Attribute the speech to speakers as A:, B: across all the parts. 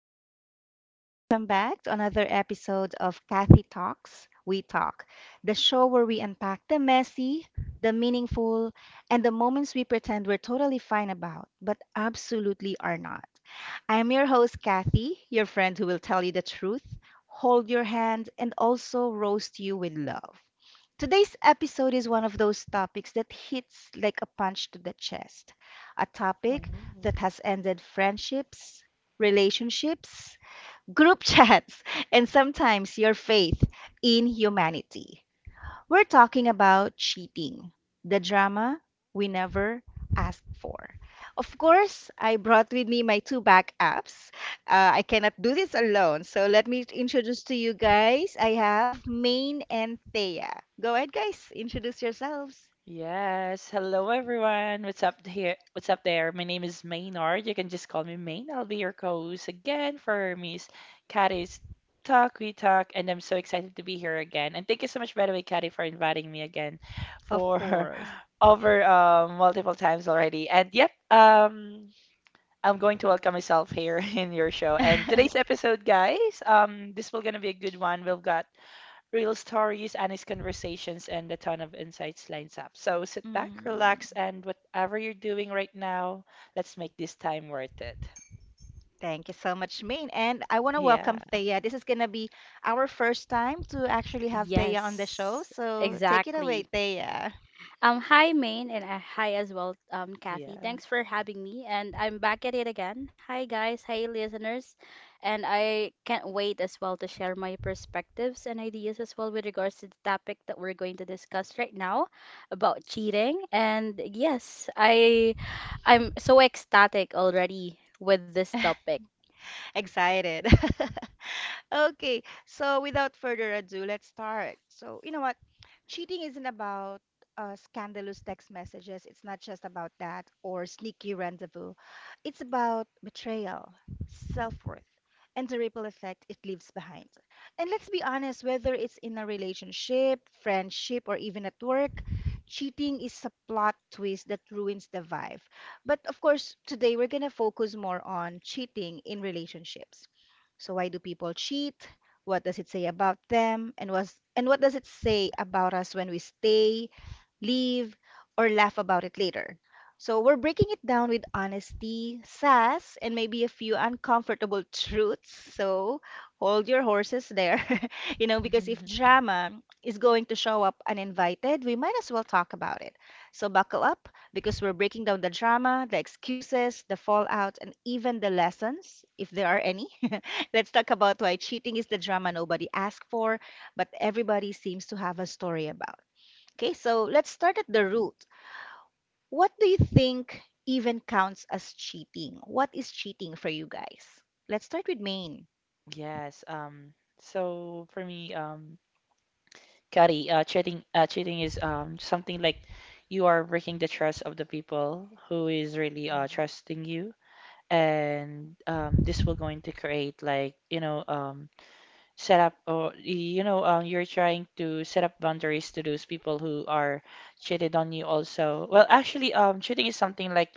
A: hello, guys. Welcome back to another episode of Kathy Talks, We Talk, the show where we unpack the messy, the meaningful, and the moments we pretend we're totally fine about, but absolutely are not. I'm your host, Kathy, your friend who will tell you the truth, hold your hand, and also roast you with love. Today's episode is one of those topics that hits like a punch to the chest. A topic
B: Oh.
A: that has ended friendships, relationships, group chats, and sometimes your faith in humanity. We're talking about cheating, the drama we never asked for. Of course, I brought with me my two backups. I cannot do this alone. So let me introduce to you guys. I have Maine and Thea. Go ahead, guys. Introduce yourselves.
B: Yes. Hello, everyone. What's up here? What's up there? My name is Maynard. You can just call me Main. I'll be your co-host again for Miss Katie's Talk We Talk, and I'm so excited to be here again. And thank you so much, by the way, Katie, for inviting me again
A: Of
B: for
A: course.
B: over multiple times already. And yep, I'm going to welcome myself here in your show. And today's episode, guys, this will gonna be a good one. We've got real stories, honest conversations, and a ton of insights lines up. So sit back,
A: Mm.
B: relax, and whatever you're doing right now, let's make this time worth it.
A: Thank you so much, Maine. And I want to
B: Yeah,
A: welcome Thea. This is going to be our first time to actually have Thea on the show.
C: Yes,
A: So take it away,
C: exactly.
A: Thea.
C: Hi, Maine, and hi as well, Kathy.
B: yeah.
C: Thanks for having me, and I'm back at it again. Hi, guys. Hi, listeners. And I can't wait as well to share my perspectives and ideas as well with regards to the topic that we're going to discuss right now about cheating. And yes, I'm so ecstatic already with this topic.
A: Excited. Okay, so without further ado, let's start. So, you know what? Cheating isn't about scandalous text messages. It's not just about that or sneaky rendezvous. It's about betrayal, self-worth, and the ripple effect it leaves behind. And let's be honest, whether it's in a relationship, friendship, or even at work, cheating is a plot twist that ruins the vibe. But of course, today we're going to focus more on cheating in relationships, so why do people cheat? What does it say about them? And what does it say about us when we stay, leave, or laugh about it later? So we're breaking it down with honesty, sass, and maybe a few uncomfortable truths. So hold your horses there. Because if drama is going to show up uninvited, we might as well talk about it. So buckle up because we're breaking down the drama, the excuses, the fallout, and even the lessons, if there are any. Let's talk about why cheating is the drama nobody asked for, but everybody seems to have a story about. Okay, so let's start at the root. What do you think even counts as cheating? What is cheating for you guys? Let's start with Maine.
B: Yes, so for me, Kari, cheating is something like you are breaking the trust of the people who is really trusting you, and this will going to create like set up or you're trying to set up boundaries to those people who are cheated on you also well actually cheating is something like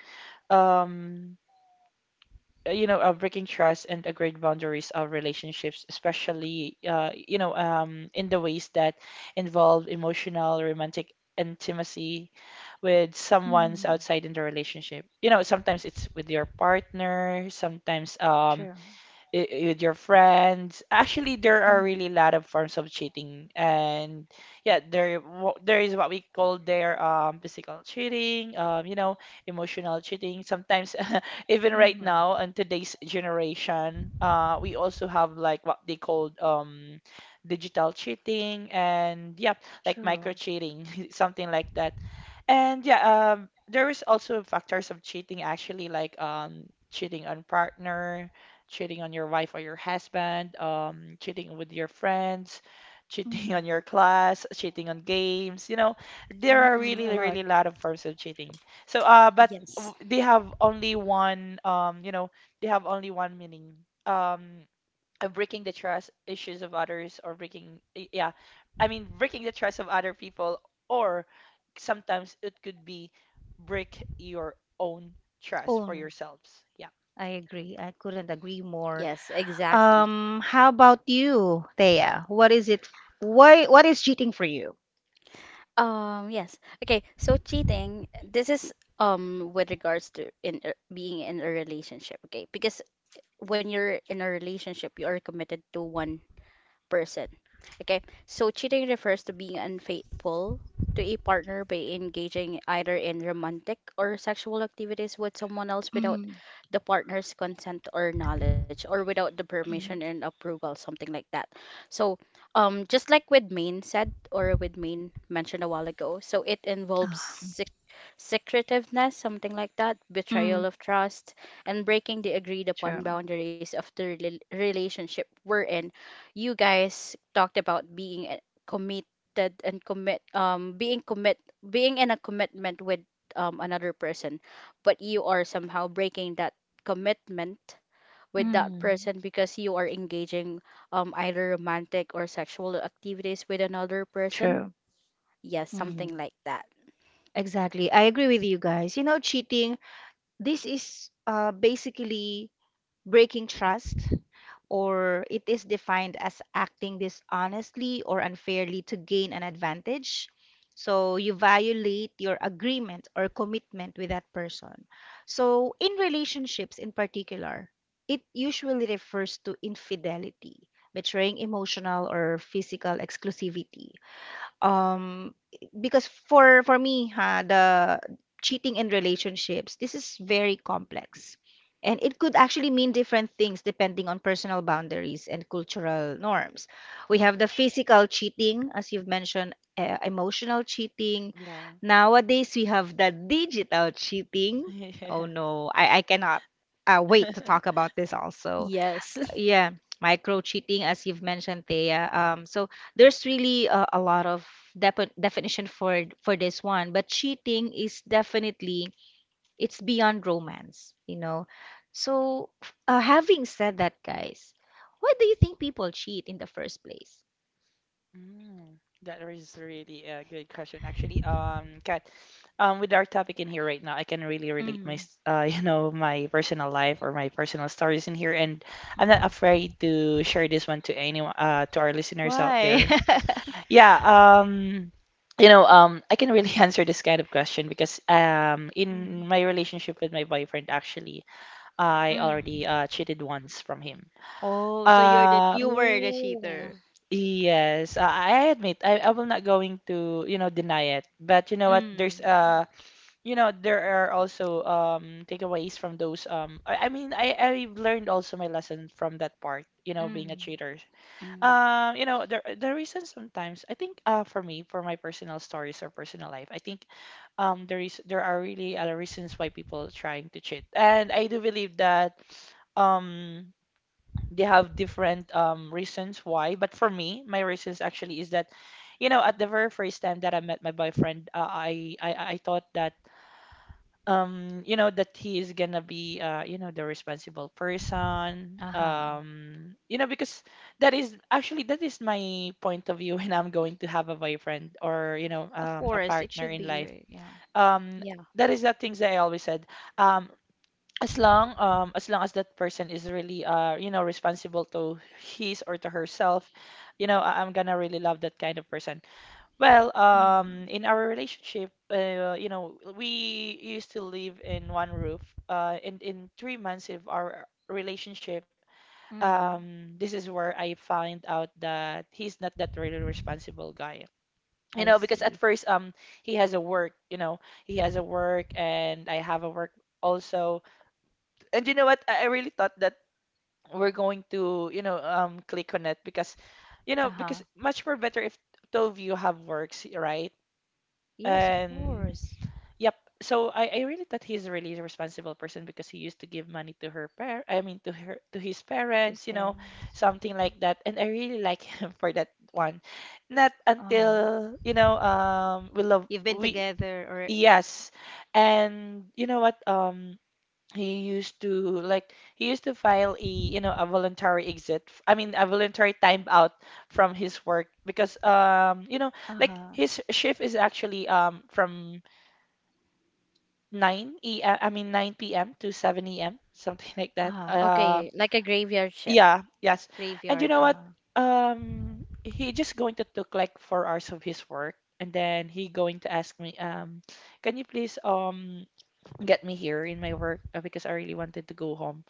B: um breaking trust and agreed boundaries of relationships especially in the ways that involve emotional romantic intimacy with
A: Mm-hmm.
B: someone's outside in the relationship, you know, sometimes it's with your partner, sometimes
A: True.
B: with your friends. Actually, there are really a lot of forms of cheating, and yeah, there is what we call their physical cheating, um, you know, emotional cheating. Sometimes even right
A: Mm-hmm.
B: now in today's generation, we also have like what they called digital cheating, and yeah, like
A: True.
B: micro cheating, something like that. And yeah, there is also factors of cheating actually, like cheating on partner, cheating on your wife or your husband, cheating with your friends, cheating on your class, cheating on games. You know, there are
A: Mm-hmm.
B: really,
A: A lot.
B: really a lot of forms of cheating. So, uh, but
C: Yes.
B: w- they have only one, you know, they have only one meaning. Of breaking the trust issues of others or breaking, yeah, I mean, breaking the trust of other people, or sometimes it could be break your own trust for
A: Own.
B: yourselves. Yeah.
A: I agree. I couldn't agree more.
C: Yes, exactly.
A: How about you, Thea? What is it? Why? What is cheating for you?
C: Um, yes. Okay, so cheating, this is with regards to being in a relationship, okay? Because when you're in a relationship, you are committed to one person. Okay, so cheating refers to being unfaithful to a partner by engaging either in romantic or sexual activities with someone else without
A: Mm-hmm.
C: the partner's consent or knowledge or without the permission and approval, something like that. So, just like with Maine said or with Maine mentioned a while ago, so it involves secretiveness, something like that,
A: Mm,
C: betrayal of trust, and breaking the agreed
A: true.
C: upon boundaries of the relationship we're in. You guys talked about committed and being in a commitment with another person, but you are somehow breaking that commitment with that
A: Mm,
C: person because you are engaging either romantic or sexual activities with another person.
A: true.
C: Yes,
A: Mm,
C: something like that.
A: exactly. I agree with you guys. You know, cheating, this is basically breaking trust, or it is defined as acting dishonestly or unfairly to gain an advantage. So you violate your agreement or commitment with that person. So in relationships in particular, it usually refers to infidelity, betraying emotional or physical exclusivity. um because for me ha the cheating in relationships, this is very complex, and it could actually mean different things depending on personal boundaries and cultural norms. We have the physical cheating as you've mentioned, emotional cheating. Nowadays we have the digital cheating. Oh
B: Yeah.
A: no, I cannot wait to talk about this also.
C: Yes.
A: Yeah, micro cheating as you've mentioned, Thea. So there's really a lot of definition for this one, but cheating is definitely, it's beyond romance, you know. So having said that, guys, why do you think people cheat in the first place?
B: Mm, that is really a good question. Actually, Kat, with our topic in here right now, I can really relate my,
A: Mm.
B: you know, my personal life or my personal stories in here, and I'm not
A: Mm-hmm.
B: afraid to share this one to anyone, to our listeners out
A: Why?
B: there. Yeah, I can really answer this kind of question because,
A: Mm.
B: in my relationship with my boyfriend, actually, I already
A: Mm.
B: cheated once from him.
A: Oh, so
B: Um,
A: you were the
C: Oh,
A: cheater?
B: Yes, I admit, I will not going to, you know, deny it. But you know what? There's
A: Mm.
B: you know There are also takeaways from those I mean, I've learned also my lesson from that part, you know, being a
A: Mm.
B: cheater.
C: mm,
B: You know, the reason sometimes, I think, uh, for me, for my personal stories or personal life, I think there are really other reasons why people trying to cheat. And I do believe that um they have different reasons why. But for me, my reasons actually is that, you know, at the very first time that I met my boyfriend, I thought that you know that he is gonna be you know the responsible person,
A: Uh-huh.
B: um, you know, because that is actually, that is my point of view when I'm going to have a boyfriend or you know
A: Of
B: a
A: course it
B: partner
A: should
B: in
A: be,
B: life.
A: right? Yeah.
B: um
C: yeah.
B: that is the things that I always said. um as long as that person is really you know responsible to his or to herself, you know, I'm gonna really love that kind of person. Well,
A: Mm.
B: um, in our relationship, you know, we used to live in one roof and in 3 months of our relationship,
A: Mm.
B: this is where I find out that he's not that really responsible guy, you
A: I
B: know, because at
A: see.
B: first, he has a work you know he has a work and I have a work also. And you know what? I really thought that we're going to, you know, click on it because, you know,
A: Uh-huh.
B: because much more better if two of you have works, right?
A: Yes, of
B: And
A: course.
B: yep. So, I really thought he's really a really responsible person because he used to give money to her par, I mean to her, to his
A: To his
B: parents, you know,
A: parents.
B: something like that. And I really like him for that one. Not
A: Uh-huh.
B: until, you know, we love
A: You've been
B: we
A: together or
B: yes. And you know what? He used to he used to file a, you know, a voluntary exit f- I mean a voluntary time out from his work because, um, you know, like
A: uh-huh.
B: his shift is actually from 9 e uh, I mean 9 p.m. to 7 a.m., something like that.
A: Uh-huh.
C: Okay, like a graveyard ship.
B: Yeah yes. And you
A: Graveyard,
B: know what,
A: uh-huh.
B: he just going to took like 4 hours of his work and then he going to ask me, um, can you please, um, get me here in my work, because I really wanted to go home.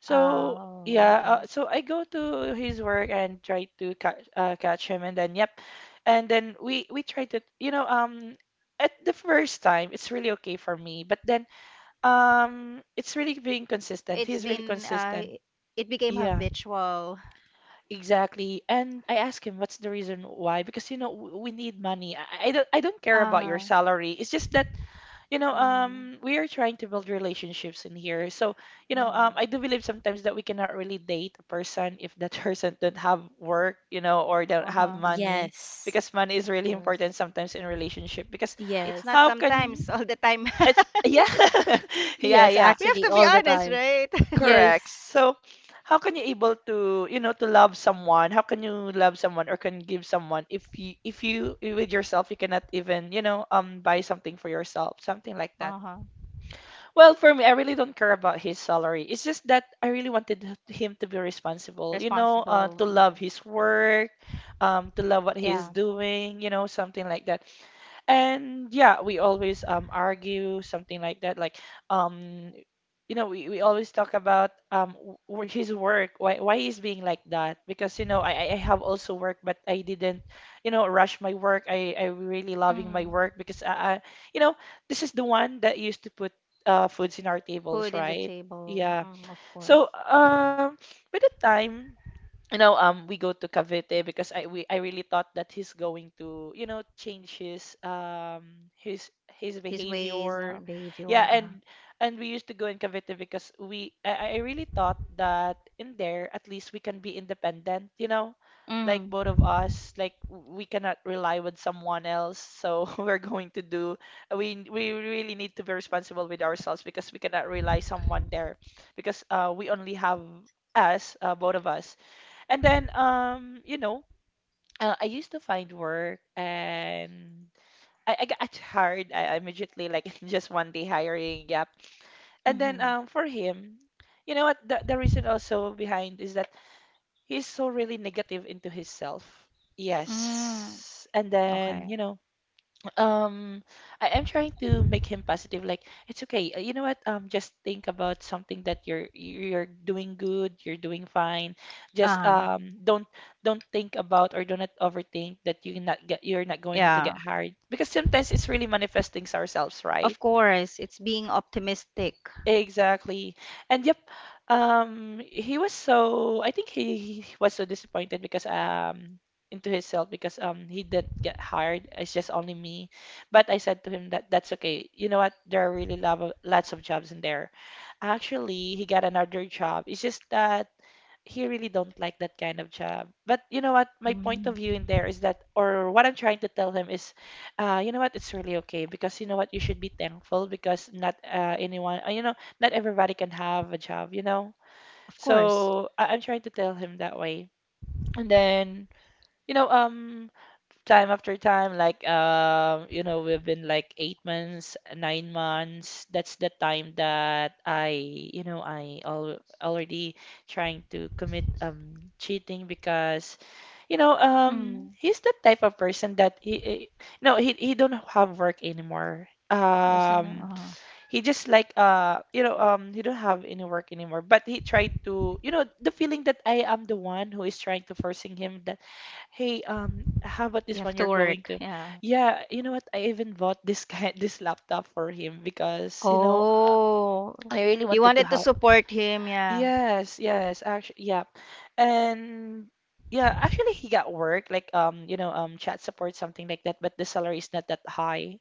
B: So
A: Oh,
B: yeah,
A: okay.
B: so I go to his work and try to catch, catch him, and then yep, and then we try to, you know, um, at the first time it's really okay for me, but then it's really being consistent.
A: It's
B: He's really
A: been
B: consistent.
A: it became
B: Yeah,
A: habitual.
B: exactly. And I ask him what's the reason why, because, you know, we need money. I don't, I don't care about your
A: Uh-huh.
B: salary. It's just that, you know,
A: Mm,
B: we are trying to build relationships in here. So, you know,
A: mm,
B: I do believe sometimes that we cannot really date a person if that person don't have work, you know, or don't have
A: uh-huh.
B: money,
C: Yes.
B: because money is
A: Of
B: really
A: course.
B: important sometimes in relationship. Because
A: It's not
B: how
C: Yes.
B: can
A: sometimes all the time.
B: it's, yeah, yeah,
C: Yes,
B: yeah,
A: We have to
C: actually,
A: be
C: all the
A: honest,
C: time.
A: right?
B: correct.
C: Yes.
B: So, how can you able to, you know, to love someone? How can you love someone or can give someone if you, with yourself you cannot even, you know, buy something for yourself, something like that.
A: Uh-huh.
B: Well, for me, I really don't care about his salary. It's just that I really wanted him to be responsible, you know,
A: Responsible.
B: to love
A: Mm.
B: his work, to love what he's
A: Yeah.
B: doing, you know, something like that. And yeah, we always argue something like that. Like, um, you know, we always talk about his work. Why he's being like that? Because, you know, I have also work, but I didn't, you know, rush my work. I really loving my
A: Mm.
B: work because, I you know, this is the one that used to put foods in our tables,
A: Food in the
B: right?
A: table,
B: Yeah.
A: mm, of course.
B: So, by the time, you know, we go to Cavite because I really thought that he's going to, you know, change his his
A: His ways,
B: behavior.
A: behavior.
B: Yeah,
A: Uh-huh.
B: and we used to go in Cavite because I really thought that in there at least we can be independent, you know, like
A: Mm,
B: both of us, like we cannot rely with someone else. So we're going to do, we really need to be responsible with ourselves because we cannot rely someone there because we only have us, both of us. And then, you know, I used to find work and, I got hired. I immediately, like, just one day hiring. Yep. And then,
A: mm-hmm.
B: for him, you know what? The reason also behind is that he's so really negative into himself.
A: Mm,
B: Yes. And then,
A: okay.
B: you know, um, I am trying to make him positive. Like, it's okay. You know what? Just think about something that you're, doing good. You're doing fine. Just,
A: Uh,
B: don't think about or do not overthink that you're not going to
A: yeah.
B: get hired because sometimes it's really manifesting ourselves, right?
A: Of course, it's being optimistic.
B: Exactly. And yep, he was so, I think he, was so disappointed because into himself because, um, he didn't get hired. It's just only me. But I said to him that that's okay. You know what? There are really lot of, lots of jobs in there. Actually, he got another job. It's just that he really don't like that kind of job. But you know what? My point of
A: Mm,
B: view in there is that, or what I'm trying to tell him is, you know what? It's really okay because you know what? You should be thankful because not anyone, not everybody can have a job.
A: of course.
B: So I'm trying to tell him that way. And then, you know, Time after time, like we've been like 8 months, 9 months. That's the time that I al already trying to commit cheating because,
A: Mm,
B: he's the type of person that he no, he don't have work anymore.
A: doesn't know.
B: He just like he don't have any work anymore. But he tried to, you know, the feeling that I am the one who is trying to forcing him that. Hey, how about
A: You
B: this one
A: have to
B: you're going
A: work.
B: to?
A: Yeah.
B: Yeah, you know what? I even bought this kind this laptop for him because,
A: Oh,
B: I really
A: you
B: wanted to
A: wanted to
B: have.
A: support him. Yeah.
B: Yes, yes, actually, yeah. And yeah, actually he got work like chat support something like that, but the salary is not that high.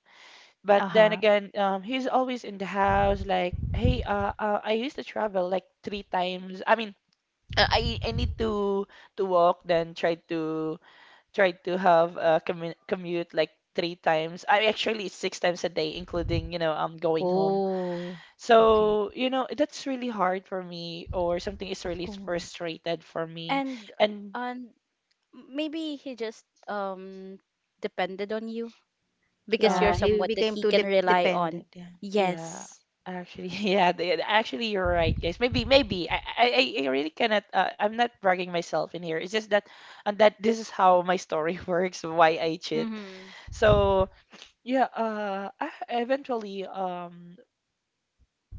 B: But then
A: Uh-huh.
B: again, he's always in the house like, "Hey, I used to travel like three times. I mean, I need to walk then try to tried to have a commute like three times. I actually six times a day, including, going home.
A: Oh, okay.
B: So, you know, that's really hard for me, or something is
A: Of
B: really
A: course.
B: frustrated for me.
C: And
B: And
C: and maybe he just depended on you because you're
A: Yeah,
B: um
A: he
C: someone that
A: became
C: he
A: too
C: can
A: de
C: rely on.
A: dependent. Yeah.
B: yeah,
C: Yes.
B: actually yeah, actually you're right, guys. Maybe I really cannot I'm not bragging myself in here. It's just that and that this is how my story works, why I cheat.
A: Mm-hmm.
B: So yeah, I eventually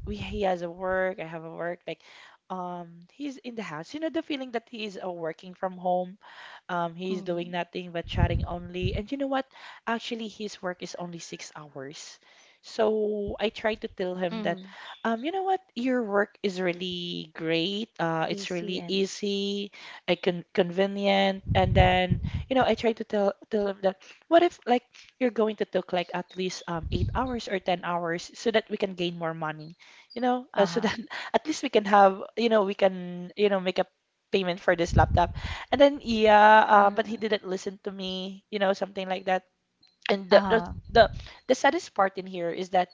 B: we he has a work, I have a work, like he's in the house. You know the feeling that he is working from home, he's doing
A: Mm-hmm.
B: nothing but chatting only. And you know what? Actually, his work is only 6 hours. So I tried to tell him that,
A: Mm-hmm.
B: you know what? Your work is really great. It's
A: Easy
B: really
A: and
B: easy, convenient. And then, you know, I tried to tell him that, what if like you're going to took like at least 8 hours or 10 hours so that we can gain more money, so
A: uh-huh.
B: that at least we can have, you know, we can, you know, make a payment for this laptop. And then yeah, but he
A: Mm.
B: didn't listen to me, you know, something like that. And
A: Uh-huh.
B: the the saddest part in here is that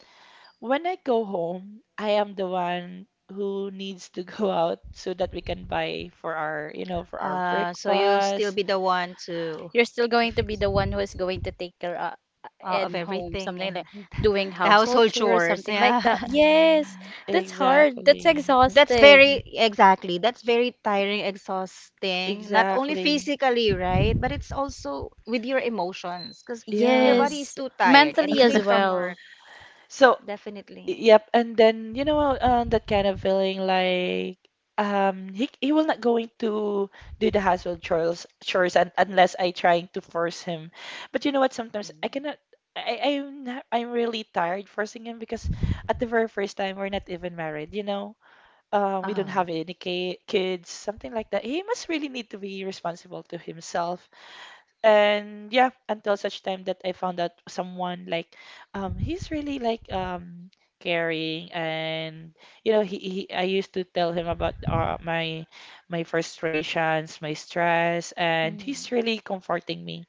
B: when I go home, I am the one who needs to go out so that we can buy for for our
A: So you'll still
B: breakfast.
A: be the one to
C: You're still going to be
A: fix,
C: the one who is going to take care
A: of
C: and home,
A: everything
C: something like
A: and
C: doing
A: the
C: household
A: household
C: chores,
A: chores.
C: something like
A: Yeah.
C: that. Yes.
B: Mm,
C: That's hard. That's
B: exactly.
A: That's very
C: exhausting.
A: exactly. That's very tiring, exhausting. Not only
B: Exactly.
A: physically, right? But it's also with your emotions because your
B: Yeah.
A: body is
C: Yes,
A: too tired and
C: mentally
A: you
C: as
A: came from
C: well.
A: work,
B: So
A: definitely.
B: yep, and then that kind of feeling like he will not going to do the household chores un unless I trying to force him. But you know what? Sometimes I
A: Mm.
B: cannot. I'm not, I'm really tired forcing him because at the very first time we're not even married. You know, we don't
A: Uh-huh.
B: have any ki kids, something like that. He must really need to be responsible to himself and yeah, until such time that I found out someone like he's really like caring and he I used to tell him about my my frustrations, my stress, and
A: Mm.
B: he's really comforting me.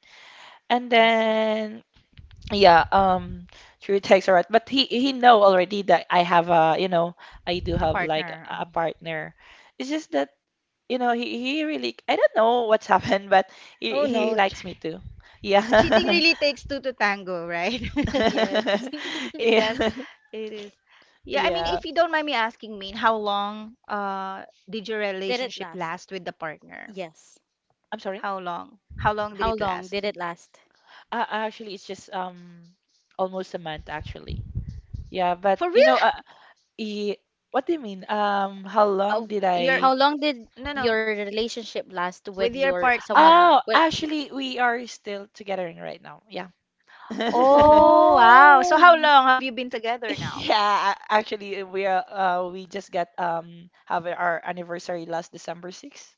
B: And
A: I see.
B: then yeah, through text or what, but he know already that I have a you know I do
A: A
B: have like
A: partner.
B: a
A: Uh-huh.
B: partner. It's just that he really, I don't know what's happened, but
A: Oh
B: he
A: no.
B: likes me too.
A: Cheating
B: Yeah.
A: really takes two to tango, right?
C: Yes.
A: It does.
B: Yeah.
A: It is. Yeah, I mean,
B: Yeah.
A: if you don't mind me asking, mean, how long did your
C: Did it
A: relationship
C: last?
A: last with the partner?
C: Yes.
B: I'm sorry.
A: How long? How long did
C: How
A: it
C: long did
A: last?
C: it last?
B: Actually, it's just almost a month actually. Yeah, but
A: For
B: you
A: real?
B: know, he, what do you mean? How
C: Uh,
B: long did
A: Your
B: I?
C: how long did
A: no, no,
C: your relationship last with
A: with your
C: your somewhat
A: partner.
B: Oh,
C: with
B: actually, we are still together right now. Yeah.
A: Oh, wow. So how
C: Oh.
A: long have you been together now?
B: Yeah, actually, we are, we just got have our anniversary last December 6th.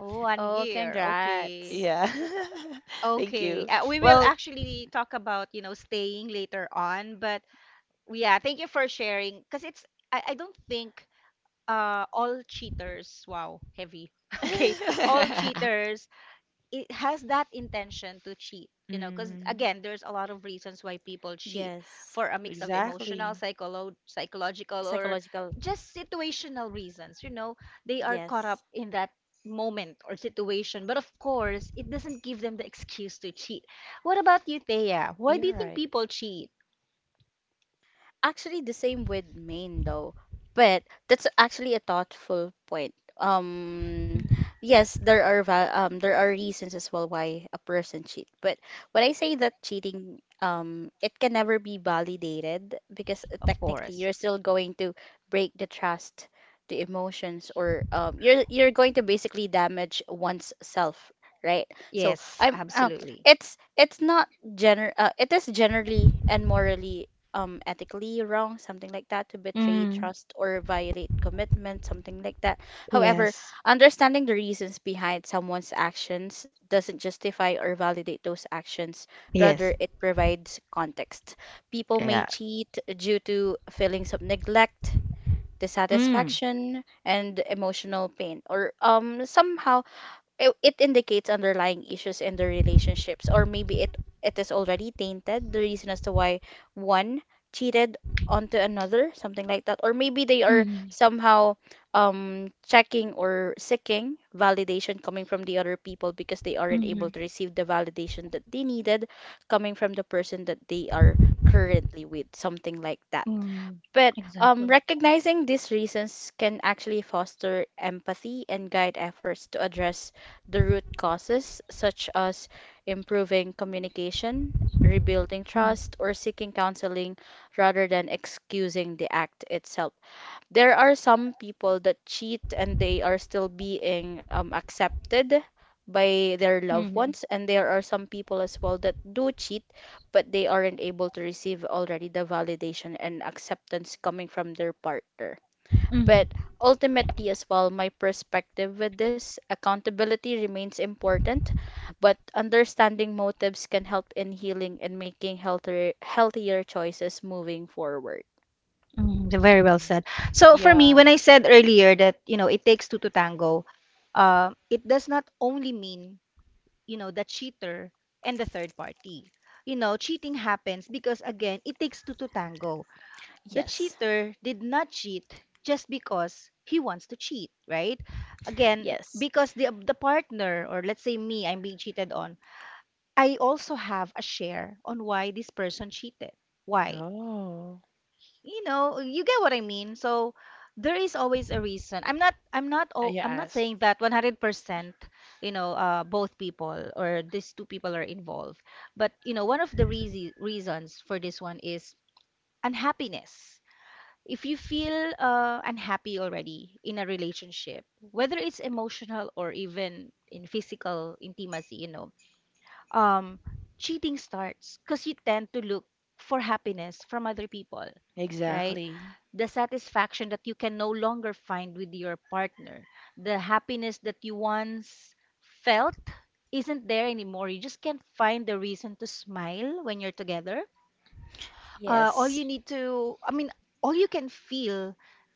A: Oh, one
C: Oh,
A: year. Okay.
C: congrats.
B: Yeah. Thank
A: Okay.
B: you.
A: We will
B: Well,
A: actually talk about, you know, staying later on, but yeah, thank you for sharing because it's I don't think all cheaters, wow, heavy. Okay, all cheaters, it has that intention to cheat, you know, because
B: mm,
A: again there's a lot of reasons why people cheat
C: Yes.
A: for a mix of emotional,
B: exactly.
A: psychological, or
C: Psychological.
A: just situational reasons. You know, they are caught up
C: Yes.
A: in that moment or situation, but of course it doesn't give them the excuse to cheat. What about you, Thea? Why do
B: You're
A: you think
B: right.
A: people cheat?
C: Actually, the same with Maine though, but that's actually a thoughtful point. Um,
A: Mm,
C: yes, there are there are reasons as well why a person cheat, but when I say that cheating, it can never be validated because
A: of
C: technically
A: course.
C: you're still going to break the trust, the emotions, or you're going to basically damage one's self, right? So
A: Yes,
C: I'm
A: absolutely.
C: it's not gener it is generally and morally ethically wrong, something like that, to betray
A: Mm,
C: trust or violate commitment, something like that. However,
A: yes.
C: understanding the reasons behind someone's actions doesn't justify or validate those actions, rather,
A: Yes.
C: it provides context. People may
A: Yeah.
C: cheat due to feelings of neglect.
A: Mm.
C: Dissatisfaction and emotional pain, or somehow it indicates underlying issues in the relationships, or maybe it is already tainted the reason as to why one cheated onto another, something like that. Or maybe they are
A: Mm-hmm.
C: somehow checking or seeking validation coming from the other people because they aren't able
A: Mm-hmm.
C: to receive the validation that they needed coming from the person that they are currently with, something like that.
A: Mm.
C: But
A: Exactly.
C: recognizing these reasons can actually foster empathy and guide efforts to address the root causes, such as improving communication, rebuilding
A: Mm-hmm.
C: trust, or seeking counseling rather than excusing the act itself. There are some people that cheat and they are still being accepted by their loved
A: Mm-hmm.
C: ones, and there are some people as well that do cheat but they aren't able to receive already the validation and acceptance coming from their partner. But
A: Mm-hmm.
C: ultimately as well, my perspective with this, accountability remains important, but understanding motives can help in healing and making healthier choices moving forward.
A: Mm-hmm. Very well
B: Mm,
A: said. So for me,
B: yeah.
A: when I said earlier that, you know, it takes two to tango, it does not only mean, you know, the cheater and the third party. You know, cheating happens because again, it takes two to tango. The
C: Yes.
A: cheater did not cheat just because he wants to cheat, right? Again,
C: Yes.
A: because the partner, or let's say me, I'm being cheated on, I also have a share on why this person cheated. Why?
B: Oh,
A: You know, you get what I mean. So there is always a reason.
B: you
A: I'm not
B: ask.
A: saying that 100%, you know, both people or these two people are involved. But you know, one of the reasons for this one is unhappiness. If you feel unhappy already in a relationship, whether it's emotional or even in physical intimacy, you know, um, cheating starts because you tend to look for happiness from other people, right?
B: Exactly.
A: The satisfaction that you can no longer find with your partner, the happiness that you once felt isn't there anymore. You just can't find the reason to smile when you're together. All
C: Yes.
A: you need to I mean All you can feel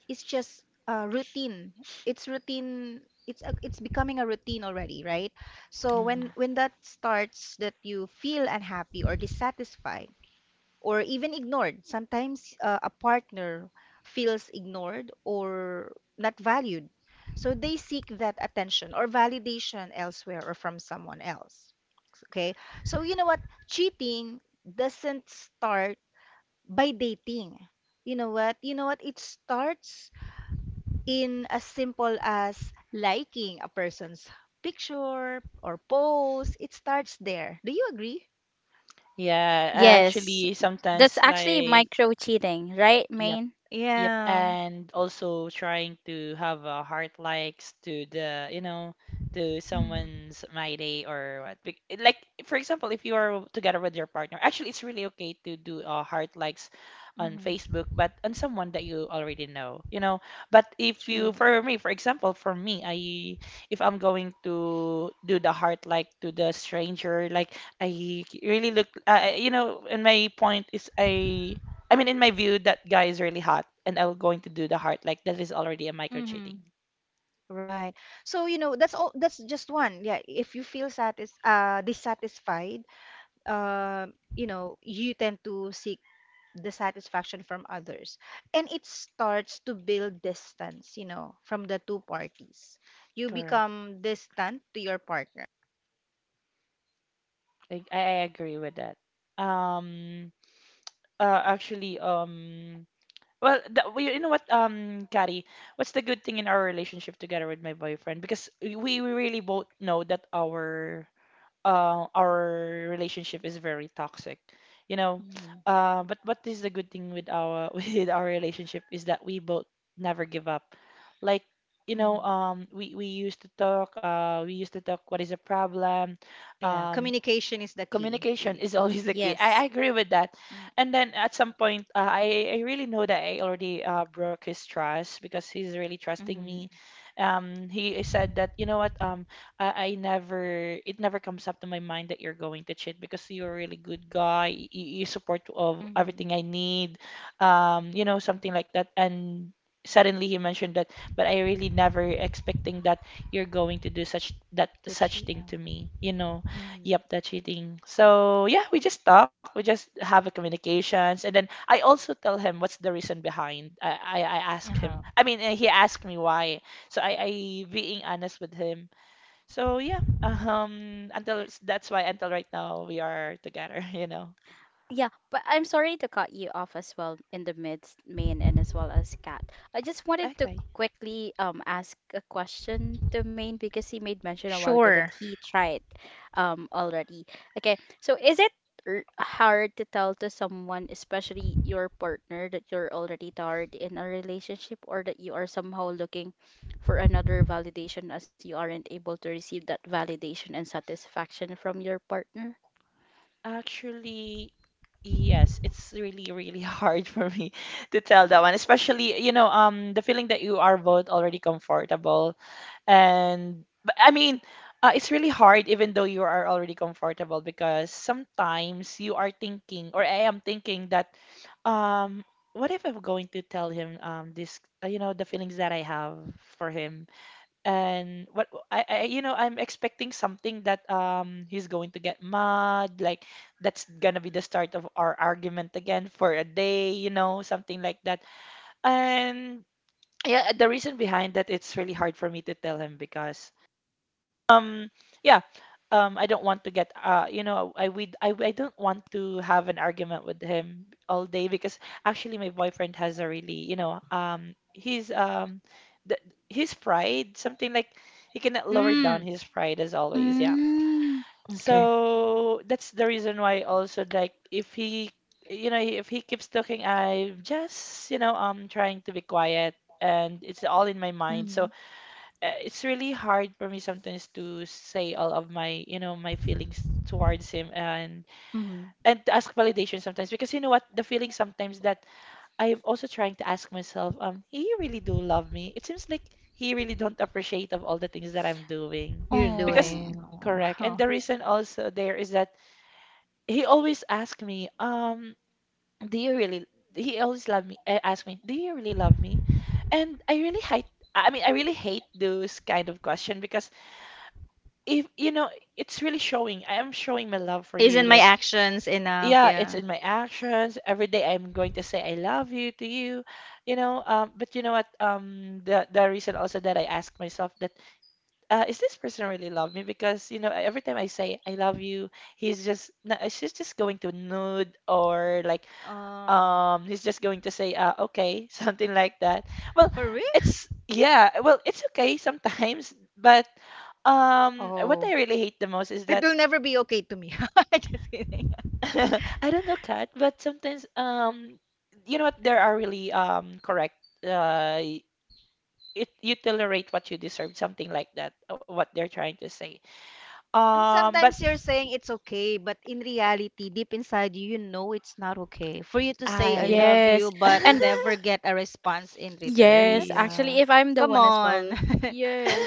A: is just routine. It's routine. It's becoming a routine already, right? So when
B: Mhm.
A: that starts, that you feel unhappy or dissatisfied or even ignored, sometimes a partner feels ignored or not valued, so they seek that attention or validation elsewhere or from someone else. Okay, so you know what, cheating doesn't start by dating. You know what? You know what? It starts in as simple as liking a person's picture or post. It starts there. Do you agree?
B: Yeah, I
C: Yes,
B: actually
C: that's
B: sometimes
C: actually
B: like,
C: micro cheating, right,
B: yeah.
C: Main?
B: Yep,
A: Yeah.
B: and also trying to have a heart likes to the, you know, to
A: Mm-hmm.
B: someone's my day or what. Like for example, if you are together with your partner, actually it's really okay to do heart likes on
A: Mm-hmm.
B: Facebook, but on someone that you already know, you know. But if you,
A: True.
B: for me, for example, for me, I if I'm going to do the heart like to the stranger, like I really look, and my point is in my view, that guy is really hot, and I'm going to do the heart. Like that is already a micro cheating.
A: Mm-hmm. Right. So, you know, that's all, that's just one. Yeah, if you feel satis dissatisfied, uh, you know, you tend to seek the satisfaction from others. And it starts to build distance, you know, from the two parties. You
B: Correct.
A: become distant to your partner.
B: Like I agree with that. Um. Actually. Well, well, you know what, Kari, what's the good thing in our relationship together with my boyfriend? Because we really both know that our relationship is very toxic, you know.
A: Mm-hmm.
B: But what is the good thing with our with our relationship is that we both never give up. Like,
A: Mhm.
B: we used to talk, we used to talk what is the problem,
A: Yeah,
B: um,
A: communication is the key,
B: communication
A: really.
B: is always the key. I
C: Yes.
B: agree with that. And then at some point, I really know that I already broke his trust because he's really trusting
A: Mm-hmm.
B: me. He said that, I never, it never comes up to my mind that you're going to cheat because you're a really good guy. You support of
A: Mm-hmm.
B: everything I need, you know, something like that. And suddenly he mentioned that, but I really never expecting that you're going to do
A: To
B: such thing
A: GM.
B: to me, you know.
A: Mm-hmm.
B: Yep, the cheating. So yeah, we just talk, we just have a communications, and then I also tell him what's the reason behind. I ask him.
A: Uh-huh.
B: I mean, he asked me why. So I being honest with him. So yeah, until that's why until right now we are together, you know.
C: Yeah, but I'm sorry to cut you off as well in the midst, Maine, and as well as Kat. I just wanted to
B: Okay.
C: quickly ask a question to Maine because he made mention a while ago that
A: Sure.
C: he tried already. Okay, so is it hard to tell to someone, especially your partner, that you're already tired in a relationship, or that you are somehow looking for another validation as you aren't able to receive that validation and satisfaction from your partner?
B: Actually, yes, it's really, really hard for me to tell that one, especially, the feeling that you are both already comfortable. And but I mean, it's really hard even though you are already comfortable because sometimes you are thinking, or I am thinking that, um, what if I'm going to tell him this, the feelings that I have for him, and what I'm expecting something that he's going to get mad, like that's gonna be the start of our argument again for a day, you know, something like that, and. Yeah, the reason behind that it's really hard for me to tell him because um, yeah. I don't want to get you know, I we I don't want to have an argument with him all day because actually my boyfriend has a really, the, his pride, something like he cannot lower down
A: Mm,
B: his pride as always. Yeah.
C: Mm.
A: okay.
B: So that's the reason why also like if he, you know, if he keeps talking, I'm just, trying to be quiet and it's all in my mind. So
A: Mm-hmm.
B: it's really hard for me sometimes to say all of my you know my feelings towards him
A: Mm-hmm.
B: and to ask validation sometimes because you know what the feeling sometimes that I am also trying to ask myself he really do love me. It seems like he really don't appreciate of all the things that I'm doing
A: You're
B: because
C: Oh,
A: doing.
B: correct and the reason also there is that he always ask me do you really he always love me ask me, do you really love me? And I really hate, I really hate those kind of question because if you know it's really showing, I am showing my love for you.
A: Isn't my
B: Like
A: actions enough?
B: yeah, it's
A: Yeah.
B: in my actions every day, I'm going to say I love you to you, you know. But you know what, the reason also that I ask myself that is this person really love me? Because you know every time I say I love you, he's just no, she's just going to nude or like
A: Oh,
B: he's just going to say okay, something like that. Well
A: for
B: it's yeah, well it's okay sometimes, but what
A: oh,
B: I really hate the most is
A: it
B: that
A: will never be okay to me. Just kidding.
B: I don't know Kat, but sometimes you know what, there are really correct, uh it, you tolerate what you deserve, something like that, what they're trying to say.
A: And
B: But
A: sometimes you're saying it's okay, but in reality, deep inside you, you know it's not okay. For you to say I
B: I
A: love you,
C: yes.
A: but
C: And
A: never get a response in return,
C: yes,
A: that's
B: yeah.
C: actually, if I'm the
A: come
C: one as
A: on.
C: well,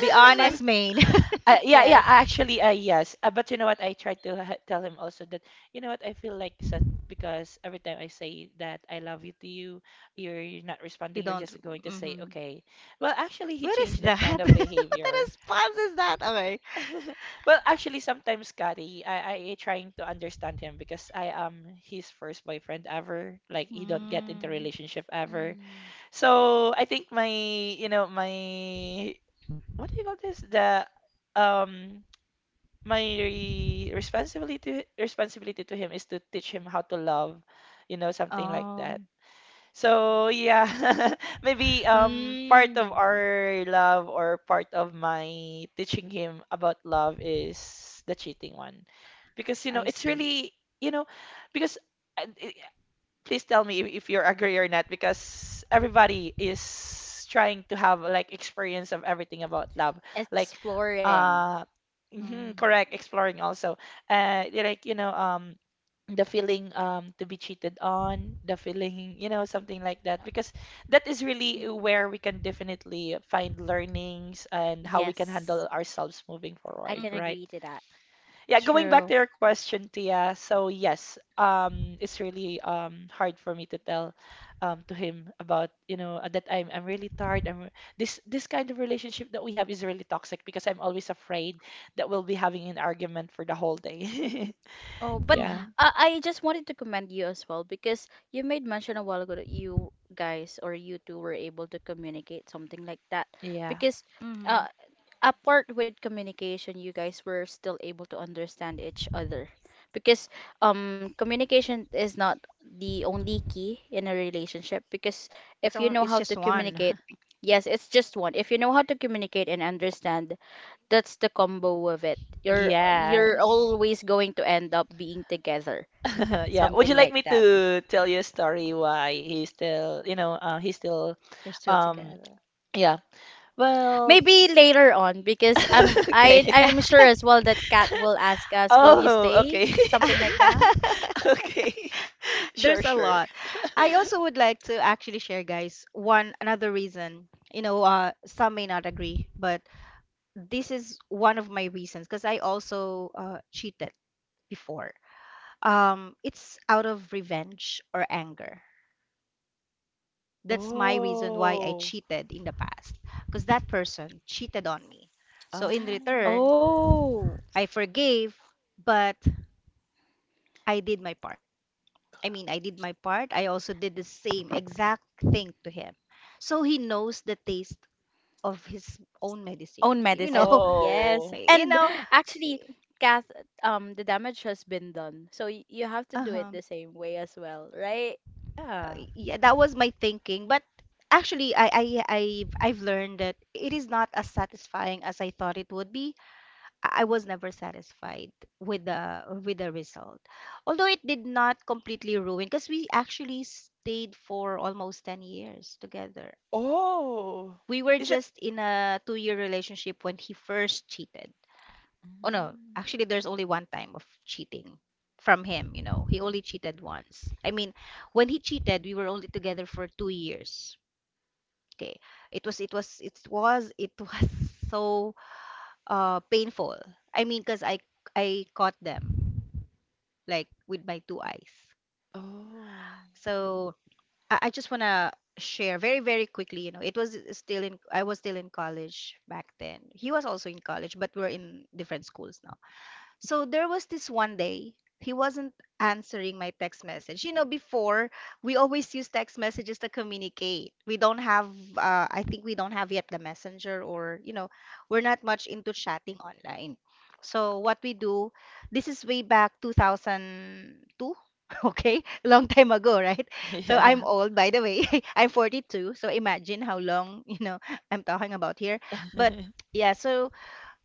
A: Be
C: If I'm,
A: honest, Main.
B: Yeah,
C: yes.
B: actually, yes. But you know what? I tried to tell him also that, you know what? I feel like sad because every time I say that I love you to you, you're not
A: You
B: responding. You're
A: don't.
B: just going to say,
A: Mm-hmm.
B: okay. Well, actually, he
A: What is
B: changed
A: that?
B: that kind
A: What
B: of
A: a
B: behavior.
A: response is that? Okay.
B: Well, actually, sometimes, Kari, I trying to understand him because I am his first boyfriend ever. Like, he don't get into
A: Mm.
B: relationship ever.
C: Mm,
B: So I think my, you know, my, what do you call this? The, um, my responsibility responsibility to him is to teach him how to love, you know, something like that.
A: Um.
B: So yeah, maybe part of
A: Mm.
B: our love or part of my teaching him about love is the cheating one, because you
A: I
B: know it's
A: see.
B: really you know because. Uh, please tell me if, you agree or not because everybody is trying to have like experience of everything about love like
C: exploring.
B: uh mhm,
A: Mm.
B: correct exploring also yeah, like you know the feeling to be cheated on the feeling you know something like that because that is really
A: Mm.
B: where we can definitely find learnings and how we can
C: Yes,
B: handle ourselves moving
C: I
B: forward,
C: can
A: Mm.
C: agree
B: right?
C: to that.
B: Yeah, going back
A: True.
B: to your question, Tia. So yes, it's really hard for me to tell to him about, you know, that I'm really tired. I'm this kind of relationship that we have is really toxic because I'm always afraid that we'll be having an argument for the whole day.
C: Oh, but
B: Yeah.
A: Mm-hmm.
C: I just wanted to commend you as well because you made mention a while ago that you guys or you two were able to communicate something like that.
B: Yeah.
C: Because
A: Mm-hmm.
C: uh, apart with communication, you guys were still able to understand each other. Because communication is not the only key in a relationship. Because if you know
A: It's
C: how
A: just
C: to communicate,
A: one.
C: yes, it's just one. If you know how to communicate and understand, that's the combo of it. You're
B: Yes.
A: Mhm.
C: always going to end up being together,
B: Yeah. Would
C: something
B: you like
C: like
B: me
C: that.
B: to tell you a story why he's still, you know, he's still,
A: We're still
B: um,
A: together.
B: yeah. Well,
C: Maybe later on because
B: okay.
C: I'm sure as well that Kat will ask us, "Will you
B: Oh,
C: stay?"
B: okay.
C: Something like that.
B: Okay. Sure,
A: There's a
B: sure.
A: lot. I also would like to actually share, guys, one another reason. You know, some may not agree, but this is one of my reasons because I also cheated before. It's out of revenge or anger. That's my reason why I
B: Oh.
A: cheated in the past because that person cheated on me. So in
B: Um.
A: return,
C: Oh,
A: I forgave, but I did my part. I mean, I did my part. I also did the same exact thing to him. So he knows the taste of his own medicine.
C: own
A: You know,
C: medicine. Yes.
B: Oh.
A: you
C: And
A: know,
C: actually, Kath, the damage has been done. So y you have to do
A: uh-huh.
C: it the same way as well, right?
B: Yeah.
A: Yeah, that was my thinking. But actually, I've learned that it is not as satisfying as I thought it would be. I was never satisfied with the result, although it did not completely ruin because we actually stayed for almost 10 years together.
B: Oh.
A: We were
B: Is it?
A: just in a two-year relationship when he first cheated. Oh no,
B: Mm.
A: actually there's only one time of cheating from him, you know. He only cheated once. I mean, when he cheated, we were only together for 2 years. Okay. It was so painful. I mean, because I caught them like with my two eyes.
B: Oh.
A: So I just want to share very, very quickly. You know, it was still in, I was still in college back then. He was also in college, but we're in different schools now. So there was this one day he wasn't answering my text message. You know, before we always use text messages to communicate. We don't have, I think we don't have yet the messenger, we're not much into chatting online. So what we do, this is way back 2002. Okay, long time ago, right? So I'm
B: Yeah.
A: old, by the way. I'm 42, so imagine how long, I'm talking about here. But yeah, so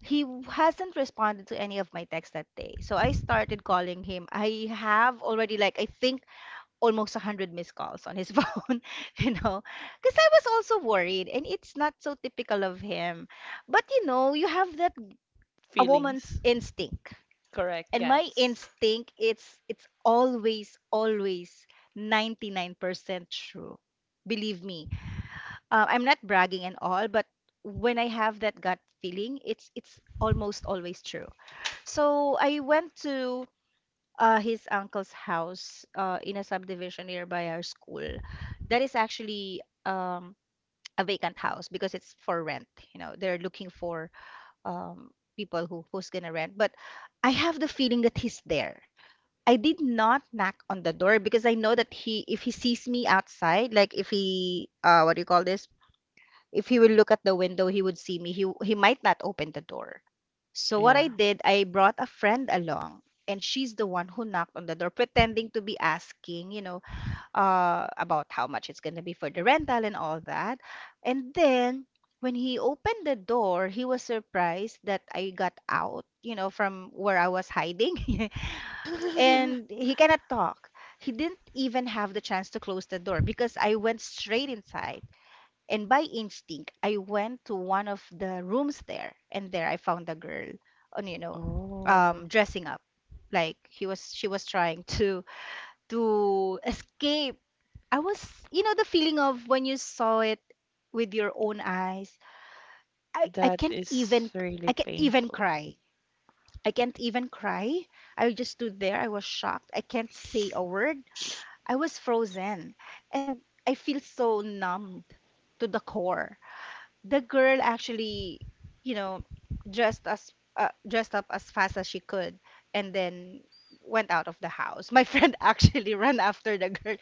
A: hasn't responded to any of my texts that day. So I started calling him. I have already like I think almost 100 missed calls on his phone, you know, cuz I was also worried and it's not so typical of him. But you know, you have that a woman's
B: Feelings.
A: instinct.
B: Correct,
A: And my
B: guts.
A: instinct, it's always 99% true. Believe me. I'm not bragging and all, but when I have that gut feeling, it's almost always true. So I went to his uncle's house in a subdivision nearby our school. That is actually a vacant house because it's for rent. You know, they're looking for um, people who's gonna rent. But I have the feeling that he's there. I did not knock on the door because I know that, if he sees me outside, like if he, what do you call this? If he will look at the window, he would see me. He might not open the door. So what
B: Yeah.
A: I did, I brought a friend along, and she's the one who knocked on the door, pretending to be asking, you know, about how much it's gonna be for the rental and all that. And then when he opened the door, he was surprised that I got out, you know, from where I was hiding, and he cannot talk. He didn't even have the chance to close the door because I went straight inside. And by instinct, I went to one of the rooms there, and there I found a girl on,
B: Oh.
A: dressing up. Like she was trying to escape. I was, you know, the feeling of when you saw it with your own eyes. I, I
B: That
A: can't
B: is
A: even, I
B: really
A: can't even
B: painful.
A: cry. I can't even cry. I just stood there. I was shocked. I can't say a word. I was frozen, and I feel so numbed to the core. The girl actually, you know, dressed up as fast as she could, and then went out of the house. My friend actually ran after the girl,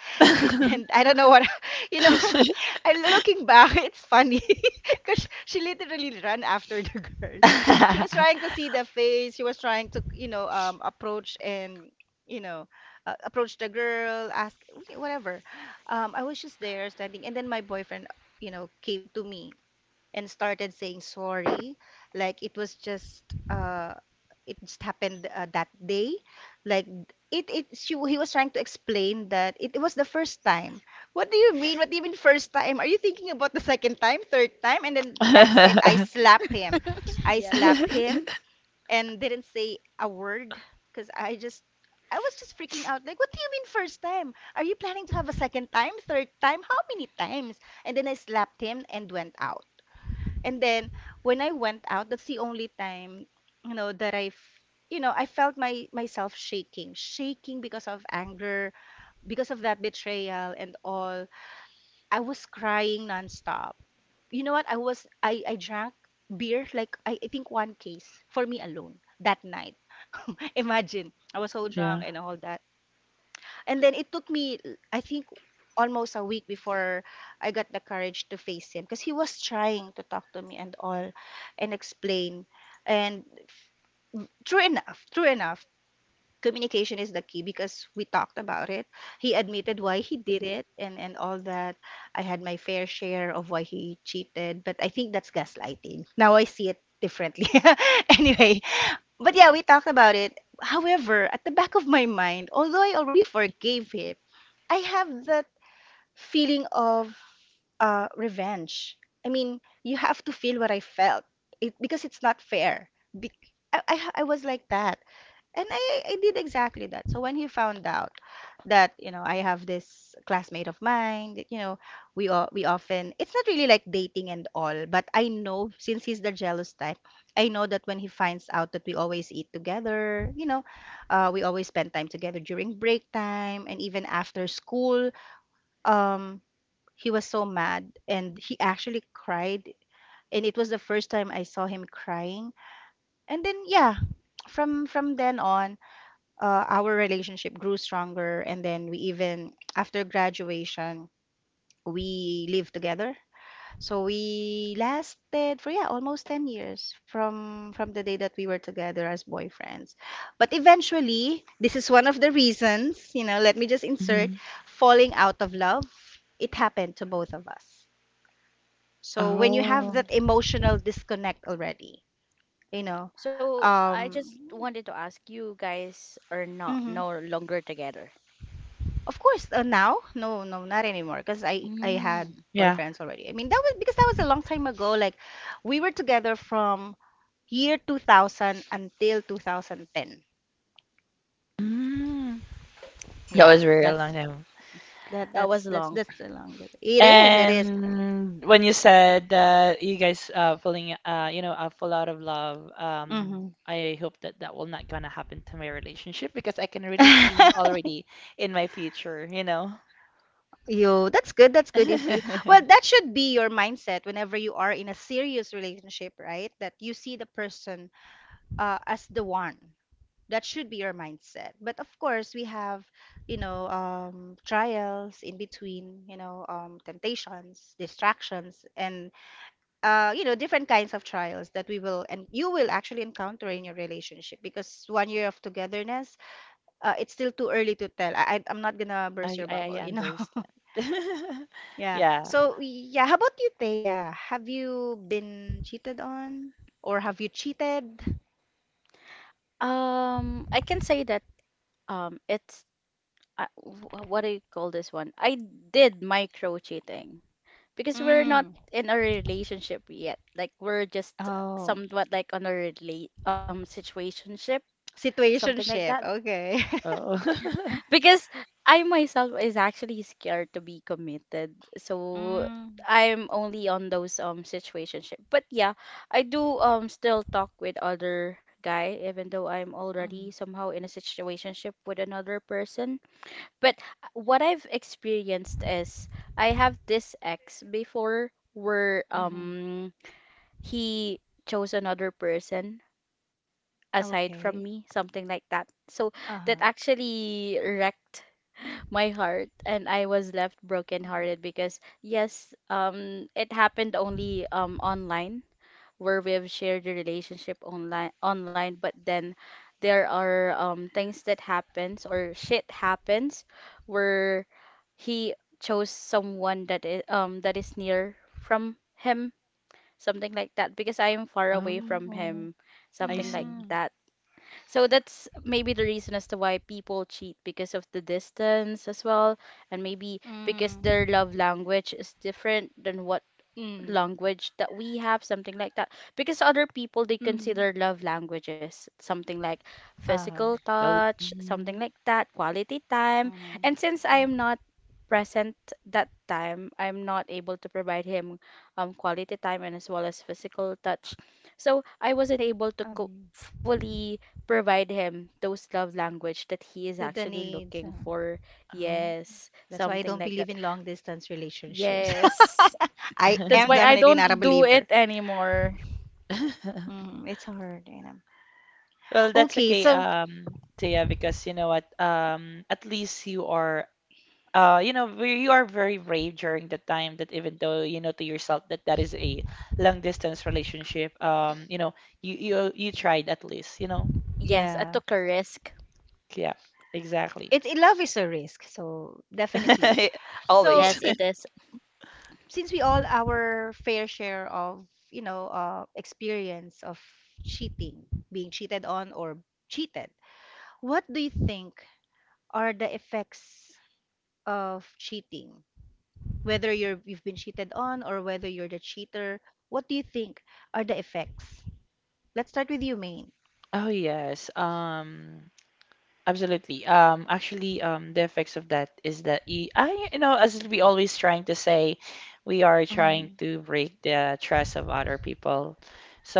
A: and I don't know what, you know, I looking back, it's funny because she literally ran after the girl. She was trying to see the face. She was trying to, approach and you know, approach the girl, ask whatever. I was just there standing, and then my boyfriend, you know, came to me and started saying sorry. Like it was just uh it just happened that day. Like it she he was trying to explain that it was the first time. What do you mean? What do you mean first time? Are you thinking about the second time, third time? And then that's it. I
B: That
A: slapped him. I
C: Yes.
A: slapped him and didn't say a word because I was just freaking out. Like, what do you mean first time? Are you planning to have a second time, third time? How many times? And then I slapped him and went out. And then when I went out, that's the only time, you know, that I felt my myself shaking, shaking because of anger, because of that betrayal and all. I was crying nonstop. You know what? I drank beer like I think one case for me alone that night. Imagine I was so drunk
B: Yeah.
A: and all that. And then it took me, I think, almost a week before I got the courage to face him because he was trying to talk to me and all and explain. And true enough, communication is the key because we talked about it. He admitted why he did it and all that. I had my fair share of why he cheated, but I think that's gaslighting. Now I see it differently. Anyway, but yeah, we talked about it. However, at the back of my mind, although I already forgave him, I have that feeling of revenge. I mean, you have to feel what I felt it, because it's not fair. Be- I was like that, and I did exactly that. So when he found out that, you know, I have this classmate of mine that, you know, we often, it's not really like dating and all, but I know since he's the jealous type, I know that when he finds out that we always eat together, you know, we always spend time together during break time and even after school. Um, he was so mad and he actually cried, and it was the first time I saw him crying. And then yeah, from then on our relationship grew stronger, and then we, even after graduation, we lived together. So we lasted for, yeah, almost 10 years from the day that we were together as boyfriends. But eventually, this is one of the reasons, you know, let me just insert,
B: Hmm.
A: falling out of love, it happened to both of us. So when you have
B: Oh.
A: that emotional disconnect already, you know.
C: So I
A: Um,
C: just wanted to ask, you guys are not
A: mhm.
C: no longer together.
A: Of course, now, no, not anymore, because I had
C: Mm,
B: Yeah.
A: boyfriends already. I mean, that was because that was a long time ago. Like, we were together from year 2000 until 2010.
B: Mm.
A: Yeah,
B: Was very long
A: that's
B: time.
C: that was long.
A: that's the longest. It is, it is.
B: And when you said that you guys feeling you know full out of love,
A: Mm-hmm.
B: I hope that that will not gonna happen to my relationship because I can really see him already in my future, you know.
A: You, that's good. That's good. If you, well, that should be your mindset whenever you are in a serious relationship, right? That you see the person as the one. That should be your mindset, but of course we have, you know, trials in between, you know, temptations, distractions, and you know, different kinds of trials that we will and you will actually encounter in your relationship. Because 1 year of togetherness, it's still too early to tell. I'm not gonna burst
B: I
A: your
B: I I
A: bubble, you know.
B: understand.
A: Yeah,
B: Yeah.
A: so, yeah, how about you, Thea? Have you been cheated on or have you cheated?
C: I can say that it's wh- what do you call this one? I did micro cheating because we're not
A: Mm.
C: in a relationship yet. Like we're just
A: Oh.
C: somewhat like on a relate situationship, something like that.
A: Situationship, okay.
B: Oh.
C: Because I myself is actually scared to be committed. So
A: Hmm,
C: I'm only on those situationship. But yeah, I do still talk with other guy even though I'm already
A: mhm,
C: somehow in a situationship with another person. But what I've experienced is I have this ex before where
A: mhm.
C: he chose another person aside from
A: Okay.
C: me, something like that. So that
A: Uh-huh.
C: actually wrecked my heart and I was left
A: Oh.
C: brokenhearted because yes, it happened only online, where we've shared the relationship online. But then there are things that happens, or shit happens, where he chose someone that is near from him, something like that, because I am far away from
B: Oh,
C: him,
B: I
C: something like
B: see.
A: Mm,
C: that. So that's maybe the reason as to why people cheat, because of the distance as well, and maybe because
A: mhm.
C: their love language is different than what
A: Mm,
C: language that we have, something like that. Because other people, they
A: mhm.
C: consider love languages something like
A: Uh-huh.
C: physical
B: Well,
C: touch, something
B: mhm.
C: like that, quality time.
A: Mhm,
C: And since I
A: mhm.
C: am not present that time, I'm not able to provide him quality time and as well as physical touch. So I wasn't able to
A: Um,
C: fully provide him those love language that he is
A: to the
C: actually
A: needs.
C: looking for.
B: Oh.
C: Yes,
A: That's why I
C: something
A: don't
C: like
A: believe
C: that.
A: in long distance relationships.
C: Yes.
A: I
C: That's
A: am
C: why I
A: definitely not a
C: don't do it
A: believer.
C: anymore.
A: Mm, it's hard, you know.
B: Well, that's
A: Okay,
B: okay,
A: so,
B: Taya, because you know what? At least you are you know, you are very brave during the time that even though you know to yourself that that is a long distance relationship, you know, you tried at least, you know.
C: Yes, I took
A: yeah,
C: a risk.
B: Yeah, exactly.
A: it, love is a risk, so definitely. So
C: Yes,
B: Always.
C: it is.
A: since we all our fair share of, you know, experience of cheating, being cheated on, or cheated, what do you think are the effects of cheating, whether you've been cheated on or whether you're the cheater? What do you think are the effects? Let's start with you, Maine.
B: Oh yes. Absolutely. Actually, the effects of that is that I, you know, as we always trying to say, we are trying
A: Mm,
B: to break the trust of other people.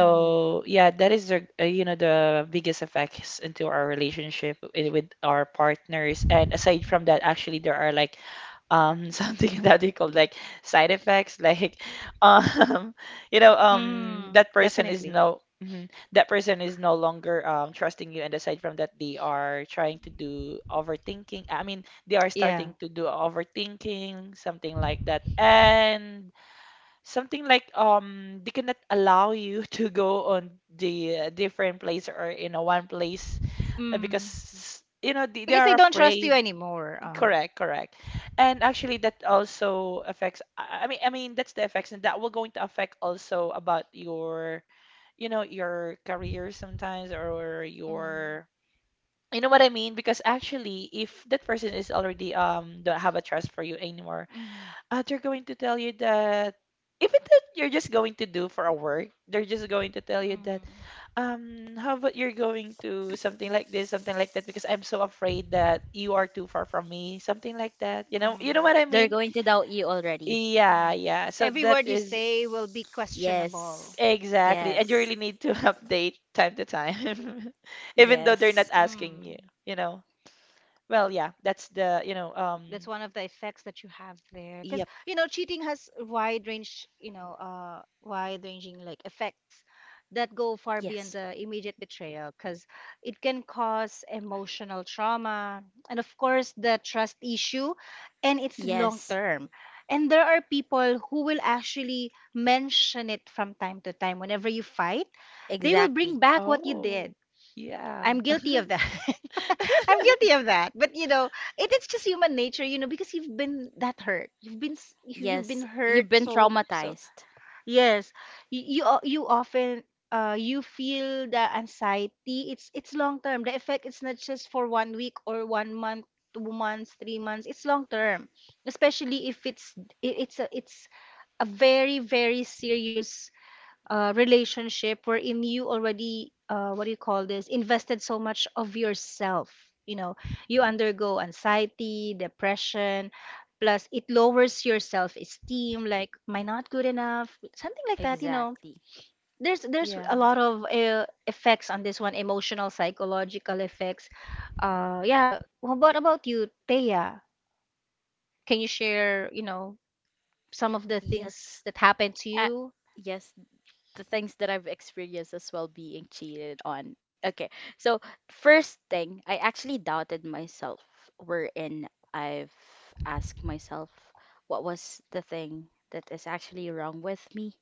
A: mm,
B: yeah, that is the, you know, the biggest effects into our relationship with our partners. And aside from that, actually, there are like something that they call like side effects like um you know
A: mm,
B: that person is
A: definitely.
B: no mhm, that person is no longer trusting you, and aside from that they are trying to do overthinking. I mean, they are
A: Yeah.
B: starting to do overthinking, something like that. And something like they cannot allow you to go on the different place or in a one place,
A: Mm.
B: because you know they
A: Because
B: are
A: they don't trust you
B: afraid.
A: anymore. Uh-huh.
B: Correct, correct. And actually that also affects I mean that's the effects, and that will going to affect also about your you know your career sometimes or
A: Mm,
B: your you know what I mean? Because actually if that person is already don't have a trust for you anymore,
A: mm,
B: they're going to tell you that even that you're just going to do for a work, they're just going to tell you that
A: mm,
B: how about you're going to something like this, something like that, because I'm so afraid that you are too far from me, something like that. You know
A: mm.
B: what I
C: They're going
B: mean?
C: to doubt you already.
B: Yeah,
A: Mm.
B: yeah. So
A: Every
B: that
A: word you
B: is
A: say will be questionable.
C: Yes.
B: exactly, and you
C: Yes.
B: really need to update time to time, even though they're
C: Yes.
B: not asking you,
A: Mm.
B: you know. Well, yeah, that's the, you know,
A: That's one of the effects that you have there. Because,
B: yep.
A: you know, cheating has wide range, you know, wide ranging like effects that go far beyond
C: Yes.
A: the immediate betrayal, because it can cause emotional trauma and, of course, the trust issue, and it's long
C: Yes.
A: term. And there are people who will actually mention it from time to time. Whenever you fight, they will
C: Exactly.
A: bring back what you
B: Oh,
A: did.
B: yeah,
A: I'm guilty of that. I'm guilty of that. But you know, it's just human nature, you know, because you've been that hurt. You've been
C: Yes. You've
A: hurt
C: been
A: so so.
C: traumatized.
A: Yes, you often you feel the anxiety. It's long term. The effect is not just for 1 week or 1 month, 2 months, 3 months. It's long term, especially if it's a very serious relationship wherein you already what do you call this, invested so much of yourself you know you undergo anxiety, depression. Plus it lowers your self-esteem, like am I not good enough, something like that.
C: Exactly.
A: There's a
B: yeah.
A: lot of effects on this one, emotional, psychological effects. Yeah, well, what about you, Thea? Can you share, you know, some of the things
C: Yes.
A: that happened to
C: Uh,
A: you?
C: yes. The things that I've experienced as well being cheated on. Okay, so first thing, I actually doubted myself, wherein I've asked myself, what was the thing that is actually wrong with me?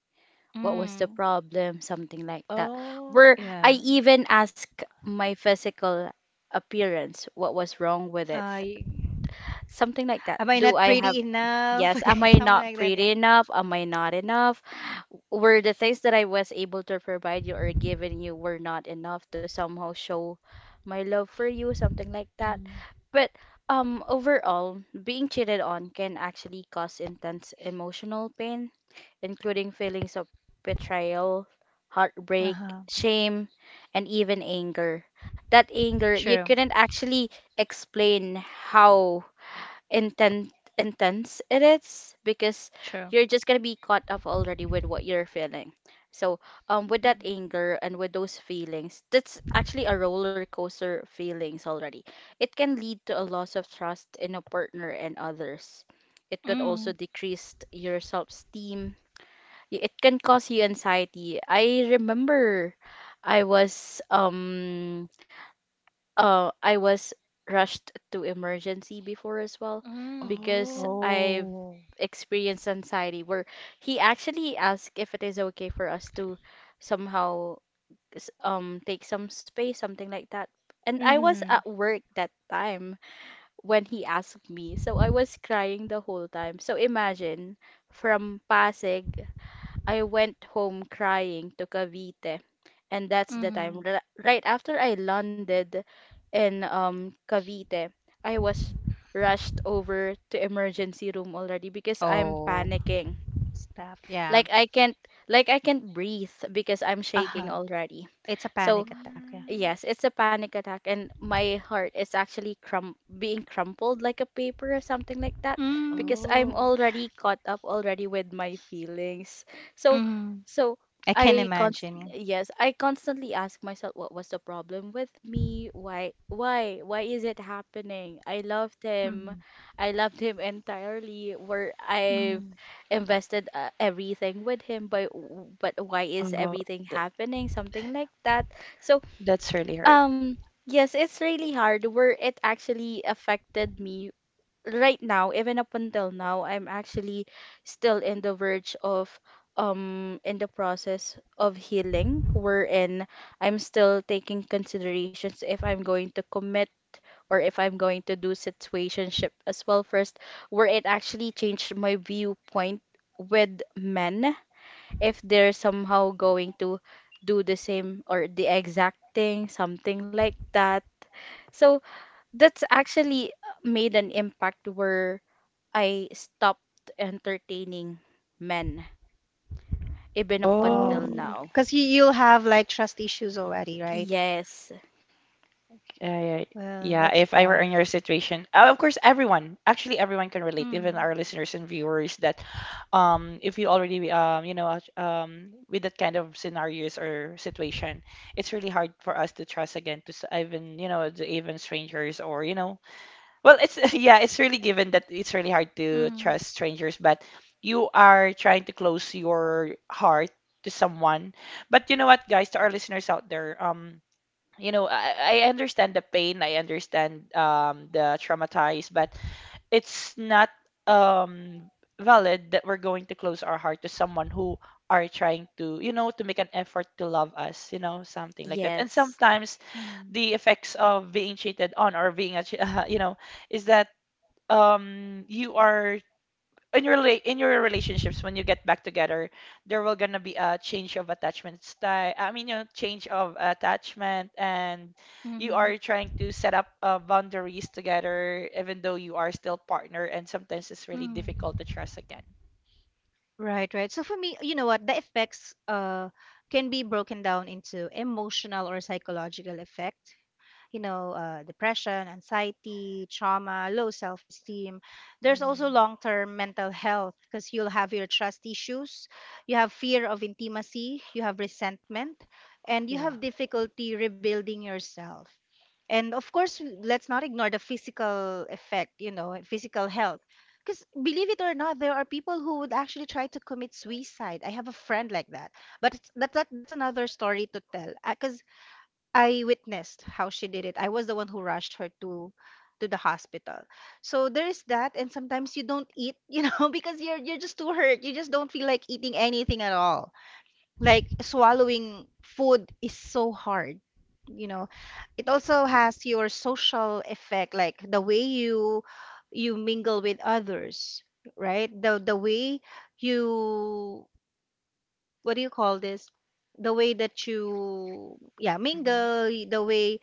C: What was the
A: Mm,
C: problem? Something like that. Where
B: Oh,
A: yeah.
C: I even ask my physical appearance, what was wrong with it?
A: I.
C: Something like that.
A: Am I
C: Do
A: not
C: I have
A: pretty enough?
C: Yes,
A: Okay,
C: am I
A: something
C: not
A: like that,
C: pretty
A: yeah.
C: enough? Am I not enough? Were the things that I was able to provide you or given you were not enough to somehow show my love for you, something like that.
A: Mm.
C: But overall, being cheated on can actually cause intense emotional pain, including feelings of betrayal, heartbreak,
A: Uh-huh.
C: shame, and even anger. That anger, you
A: True.
C: couldn't actually explain how intent intense it is because
A: True.
C: you're just gonna be caught up already with what you're feeling. So with that
A: Mm.
C: anger and with those feelings, that's actually a roller coaster feelings already. It can lead to a loss of trust in a partner and others. It could also
A: Mm.
C: decrease your self-esteem. It can cause you anxiety. I remember I was um I was rushed to emergency before as well
A: Mm.
C: because
B: oh,
C: I've
A: Oh.
C: experienced anxiety where he actually asked if it is okay for us to somehow take some space, something like that. And I was
A: Mm-hmm.
C: at work that time when he asked me, so I was crying the whole time. So imagine, from Pasig, I went home crying to Cavite, and that's the time
A: Mm.
C: right after I landed in Cavite, I was rushed over to emergency room already because I'm
A: Oh.
C: panicking.
A: Stuff. Yeah.
C: Like I can't like I can't breathe because I'm shaking
A: Uh-huh.
C: already.
A: It's a
C: So
A: panic attack, yeah.
B: mm,
C: yes, it's a panic attack, and my heart is actually crum being crumpled like a paper or something like that,
A: Mm.
C: because I'm
B: oh,
C: already caught up already with my feelings. So,
A: Mm.
C: so
A: I can
C: I const
A: imagine, yeah.
C: yes, I constantly ask myself, what was the problem with me? Why is it happening? I loved him.
A: Mm.
C: I loved him entirely, where I've
A: Mm.
C: invested everything with him, but why is
B: oh.
C: everything
B: that-
C: happening? Something like that. So
B: That's really hard.
C: um, yes, it's really hard where it actually affected me right now. Even up until now, I'm actually still in the verge of in the process of healing, wherein I'm still taking considerations if I'm going to commit or if I'm going to do situationship as well first, where it actually changed my viewpoint with men, if they're somehow going to do the same or the exact thing, something like that. So that's actually made an impact where I stopped entertaining men, even up
B: Oh,
A: Oh,
C: until now.
A: because you'll have like trust issues already, right?
C: Yes,
B: yeah, yeah.
A: Well,
B: Yeah,
A: that's
B: if I were in your
A: tough.
B: situation, of course, everyone, actually, everyone can relate, even
A: Mm.
B: our listeners and viewers, that if you already, you know, with that kind of scenarios or situation, it's really hard for us to trust again to even, you know, the even strangers or, you know, well, it's, yeah, it's really given that it's really hard to
A: Mm.
B: trust strangers, but you are trying to close your heart to someone. But you know what, guys, to our listeners out there, you know, I understand the pain, I understand the traumatized, but it's not um valid that we're going to close our heart to someone who are trying to, you know, to make an effort to love us, you know, something like that. And
C: yes,
B: sometimes
A: Mm.
B: the effects of being cheated on or being you know, is that you are in your in your relationships when you get back together there will gonna be a change of attachment style. I mean, you know, change of attachment, and you
A: Mm.
B: are trying to set up boundaries together even though you are still partner, and sometimes it's really
A: Mm.
B: difficult to trust again.
A: Right, right. So for me, you know what, the effects can be broken down into emotional or psychological effect, you know, depression, anxiety, trauma, low self esteem. There's also
B: Hmm.
A: long term mental health because you'll have your trust issues, you have fear of intimacy, you have resentment, and you
B: Yeah.
A: have difficulty rebuilding yourself. And of course, let's not ignore the physical effect, you know, physical health. Because believe it or not, there are people who would actually try to commit suicide. I have a friend like that, but it's, that, that that's another story to tell. Because I witnessed how she did it. I was the one who rushed her to the hospital. So there's that, and sometimes you don't eat, you know, because you're just too hurt. You just don't feel like eating anything at all. Like swallowing food is so hard, you know. It also has your social effect, like the way you mingle with others, right? The way you, what do you call this? The way that you, yeah,
B: Hmm.
A: mingle, the way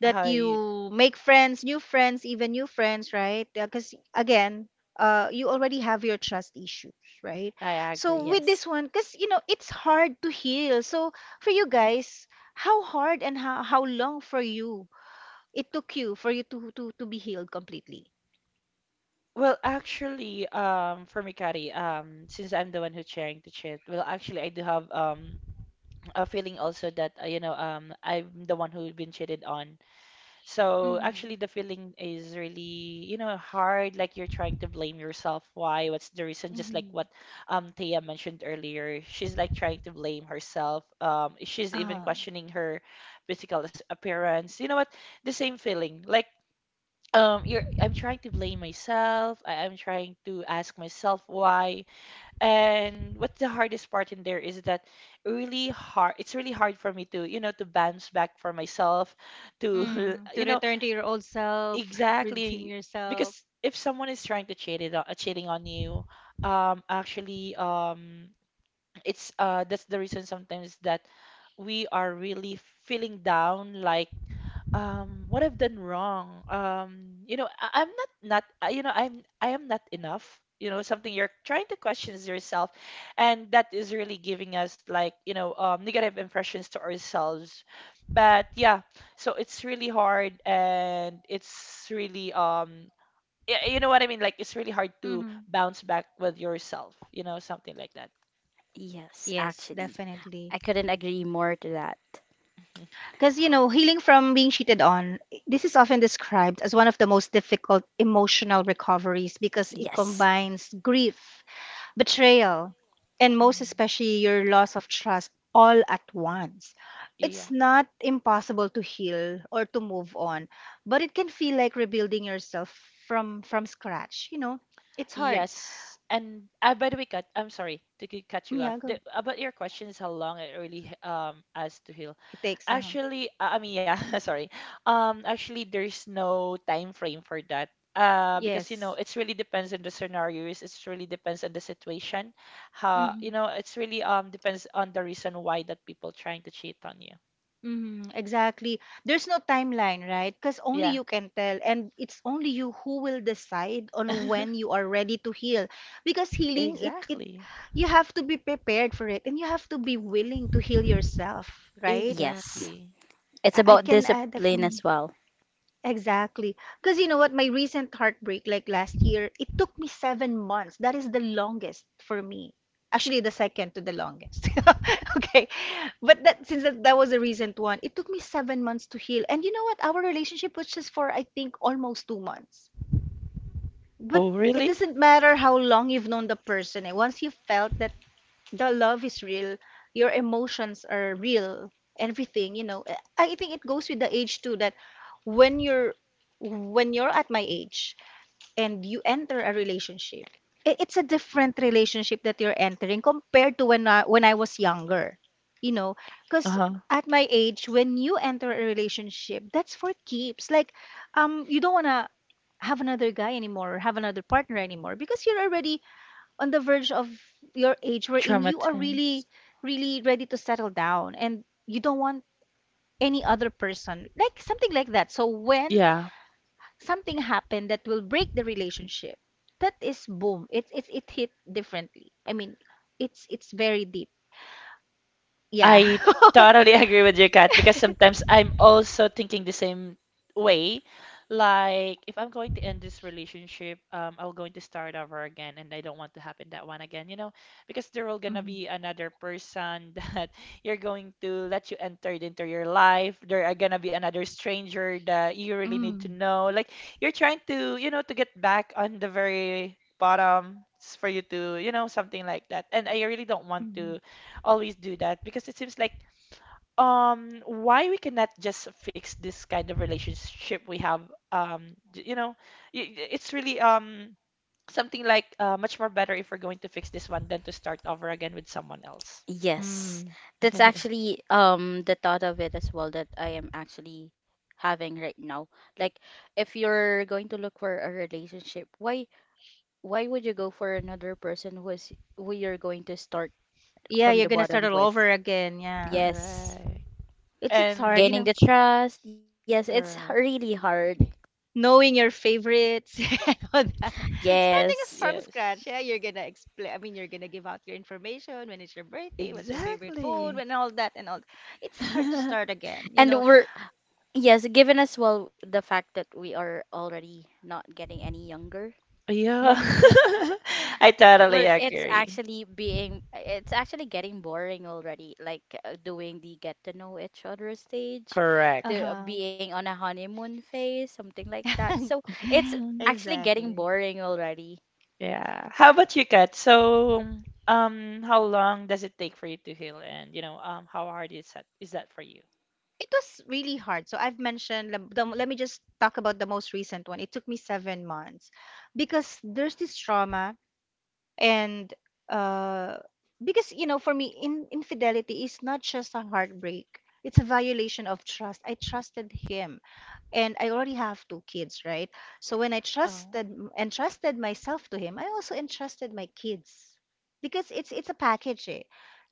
A: that
B: How you,
A: you make friends, new friends, even new friends, right? Because again, you already have your trust issues, right?
B: I
A: So
B: agree.
A: with
C: yes,
A: this one, because you know it's hard to heal. So for you guys, how hard and how long for you, it took you for you to be healed completely?
B: Well, actually, for me, Kari, since I'm the one who's sharing the chat, well, actually, I do have a feeling also that you know I'm the one who's been cheated on. So
A: Mm-hmm.
B: actually, the feeling is really, you know, hard. Like you're trying to blame yourself. Why? What's the reason? Just like
A: Mm-hmm.
B: what Thea mentioned earlier, she's like trying to blame herself. She's even
A: Um.
B: questioning her physical appearance. You know what? The same feeling. Like you're. I'm trying to blame myself. I'm trying to ask myself why. And what's the hardest part in there is that really hard. It's really hard for me to, you know, to bounce back for myself. To,
A: Mm. To
B: you know
A: return to your old self, redeem
B: Exactly.
A: yourself.
B: Because if someone is trying to cheating on you, actually, it's that's the reason sometimes that we are really feeling down like what I've done wrong, you know, I'm not you know I am not enough, you know, something you're trying to question is yourself, and that is really giving us like you know negative impressions to ourselves, but yeah, so it's really hard and it's really you know what I mean? Like it's really hard to
A: Mm-hmm.
B: bounce back with yourself, you know, something like that.
C: yes,
A: Yes,
C: actually.
A: definitely.
C: I couldn't agree more to that.
A: Because, you know, healing from being cheated on, eh, this is often described as one of the most difficult emotional recoveries because it
C: Yes,
A: combines grief, betrayal, and most
B: Mhm.
A: especially your loss of trust all at once. It's
B: Yeah.
A: not impossible to heal or to move on, but it can feel like rebuilding yourself from scratch, you know. It's hard.
B: Yes. And by the way, cut. I'm sorry to cut you
A: Yeah,
B: off.
A: go.
B: The, about your questions, how long it really as to heal.
A: It takes um.
B: Actually, I mean, yeah, sorry. Actually, there's no time frame for that. Because you
A: Yes.
B: know, it's really depends on the scenarios. It's really depends on the situation. How you
A: Mm-hmm.
B: know, it's really depends on the reason why that people trying to cheat on you.
A: Mhm, exactly. There's no timeline, right? Because only
B: Yeah.
A: you can tell, and it's only you who will decide on when you are ready to heal. Because healing, it
B: Exactly.
A: you have to be prepared for it, and you have to be willing to heal yourself, right?
C: yes.
B: Exactly.
C: It's
A: I
C: about
A: can add that.
C: discipline as well.
A: Exactly. Because you know what, my recent heartbreak, like last year, it took me 7 months. That is the longest for me. Actually, the second to the longest. Okay. But that, since that, that was the recent one, it took me 7 months to heal. And you know what? Our relationship was just for, I think, almost 2 months. But
B: Oh,
A: it
B: really?
A: doesn't matter how long you've known the person. Eh, once you felt that the love is real, your emotions are real, everything, you know. I think it goes with the age too, that when you're, when you're at my age and you enter a relationship, it's a different relationship that you're entering compared to when when I was younger. You know, cuz
B: Uh-huh.
A: at my age when you enter a relationship, that's for keeps. Like you don't want to have another guy anymore, or have another partner anymore, because you're already on the verge of your age wherein you are
B: Traumatized.
A: really ready to settle down, and you don't want any other person, like something like that. So when
B: Yeah.
A: something happened that will break the relationship, that is boom, it hit differently. I mean, it's very deep, yeah.
B: I totally agree with you, Kat, because sometimes I'm also thinking the same way. Like, if I'm going to end this relationship, I'm going to start over again, and I don't want to happen that one again, you know, because there will gonna
A: Mhm.
B: be another person that you're going to let you enter it into your life. There are gonna be another stranger that you really need to
A: Mm.
B: know. Like, you're trying to, you know, to get back on the very bottom for you to, you know, something like that. And I really don't want
A: Mhm.
B: to always do that because it seems like why we cannot just fix this kind of relationship we have you know it's really something like much more better if we're going to fix this one than to start over again with someone else.
C: Yes,
A: Mm.
C: that's actually the thought of it as well that I am actually having right now. Like, if you're going to look for a relationship, why would you go for another person who is who you're going to start
A: Yeah,
C: from
A: you're
C: the
A: gonna start
C: bottom
A: all
C: with?
A: over again, yeah.
C: Yes,
B: Correct.
A: It's hard, you
C: gaining
B: And
A: know,
C: the trust. Yes, it's
B: correct,
C: really hard.
A: knowing your favorites and all that. Starting us
C: Yes.
A: from scratch,
B: yes,
A: yeah, you're gonna explain. I mean, you're gonna give out your information when it's your birthday, what's your favorite food,
B: exactly.
A: and all that, and all. It's hard to start again, you
C: And
A: know.
C: we're, yes, given as well the fact that we are already not getting any younger.
B: Yeah.
A: Mm-hmm.
B: I totally
C: Where it's
B: agree.
C: actually being, it's actually getting boring already. Like doing the get to know each other stage,
A: Uh
B: Correct.
C: the
A: huh.
C: being on a honeymoon phase, something like that. So it's actually getting
A: Exactly.
C: boring already.
B: Yeah. How about you, Kat? So, how long does it take for you to heal, and you know, how hard is that for you?
A: It was really hard. So I've mentioned. The, let me just talk about the most recent one. It took me 7 months because there's this trauma, and uh because you know, for me, in infidelity is not just a heartbreak, it's a violation of trust. I trusted him, and I already have 2 kids, right? So when I
B: Um,
A: trusted entrusted myself to him, I also entrusted my kids, because it's a package, eh,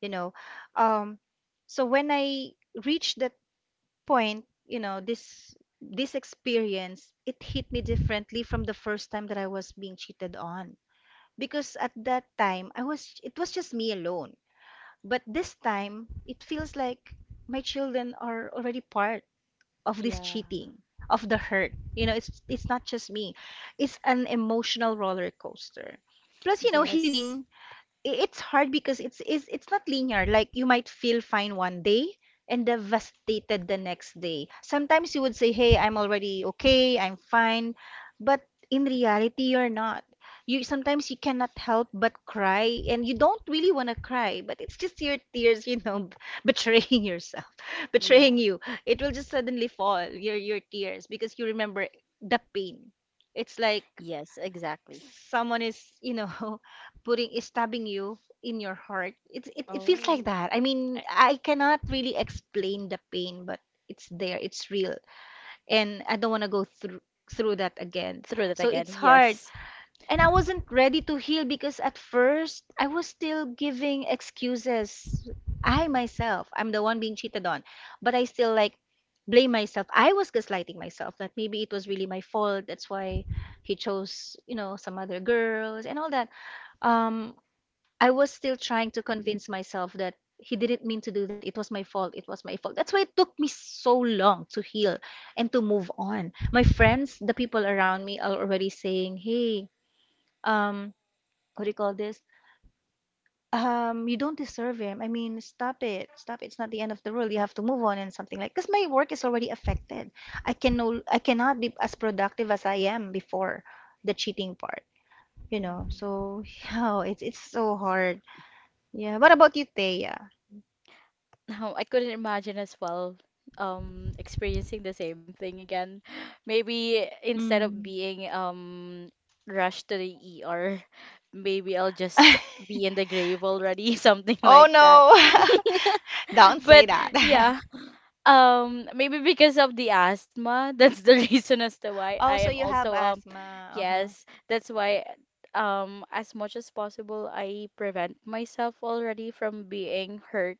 A: you know. um so when I reached that point, you know, this experience, it hit me differently from the first time that I was being cheated on, because at that time I was it was just me alone. But this time it feels like my children are already part of this
B: yeah,
A: cheating, of the hurt. You know, it's not just me. It's an emotional roller coaster. Plus, you know,
C: Yes,
A: healing, it's hard because it's not linear. Like you might feel fine one day and devastated the next day. Sometimes you would say, "Hey, I'm already okay. I'm fine." But in reality, you're not. You sometimes, you cannot help but cry, and you don't really want to cry, but it's just your tears, you know, betraying yourself, betraying
B: yeah.
A: you. It will just suddenly fall, your tears, because you remember the pain. It's like
C: yes, exactly.
A: someone is, you know, putting is stabbing you in your heart. It feels like
B: Oh,
A: that. I mean,
B: eh,
A: I cannot really explain the pain, but it's there, it's real, and I don't want to go through that again.
C: Through that
A: So
C: again.
A: it's hard,
C: Yes.
A: and I wasn't ready to heal because at first I was still giving excuses. I myself, I'm the one being cheated on, but I still like blame myself. I was gaslighting myself that maybe it was really my fault. That's why he chose, you know, some other girls and all that. Um, I was still trying to convince myself that he didn't mean to do that. It was my fault. It was my fault. That's why it took me so long to heal and to move on. My friends, the people around me, are already saying, "Hey, um, what do you call this? You don't deserve him. I mean, stop it. Stop it. It's not the end of the world. You have to move on," and something like, because my work is already affected. I cannot be as productive as I am before the cheating part, you know.
B: mm.
A: So yeah, it's so hard. Yeah. What about you, Thea?
C: No, I couldn't imagine as well experiencing the same thing again. Maybe instead of
A: Mm.
C: being rushed to the ER, maybe I'll just be in the grave already, something
A: Oh
C: like that.
A: no. Don't say
C: But
A: that.
C: yeah, maybe because of the asthma, that's the reason as to why
A: Oh,
C: I
A: so
C: am
A: you have
C: also um.
A: asthma. Uh-huh.
C: Yes, that's why as much as possible I prevent myself already from being hurt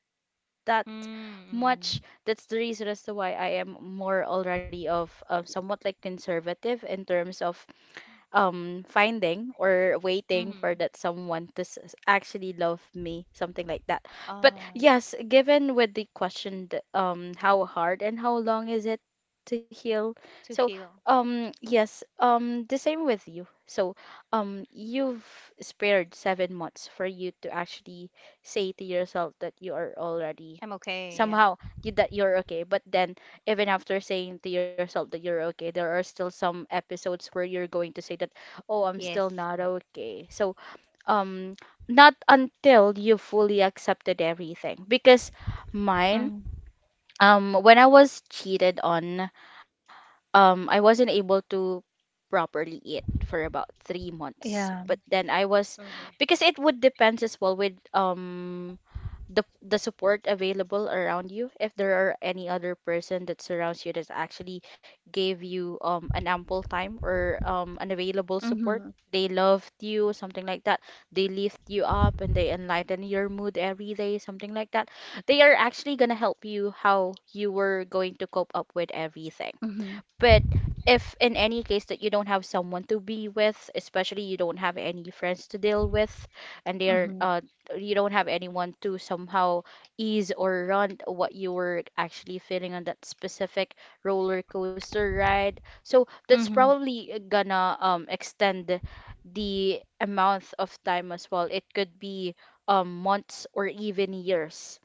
C: that
A: Mm-hmm.
C: much. That's the reason as to why I am more already of, somewhat like conservative in terms of finding or waiting for
A: Mm-hmm.
C: that someone to actually love me, something like that. But
A: Um,
C: yes, given with the question how hard and how long is it to heal.
A: to
C: So
A: heal.
C: yes, the same with you. So you've spared 7 months for you to actually say to yourself that you are already
A: I'm okay,
C: somehow
A: yeah.
C: that you're okay. But then even after saying to yourself that you're okay, there are still some episodes where you're going to say that, oh, I'm
A: Yes.
C: still not okay. So, um, not until you fully accepted everything. Because
A: Mm.
C: mine, when I was cheated on, I wasn't able to properly eat for about three
A: Yeah.
C: months. But then I was,
A: Mm-hmm.
C: because it would depends as well with the support available around you, if there are any other person that surrounds you that actually gave you an ample time or an available support,
A: Mm-hmm.
C: they loved you, something like that. They lift you up and they enlighten your mood every day, something like that. They are actually going to help you how you were going to cope up with everything.
A: Mm-hmm.
C: But if in any case that you don't have someone to be with, especially you don't have any friends to deal with, and they're
A: Mm-hmm.
C: uh, you don't have anyone to somehow ease or run what you were actually feeling on that specific roller coaster ride. So that's
A: Mm-hmm.
C: probably gonna extend the amount of time as well. It could be months or even years.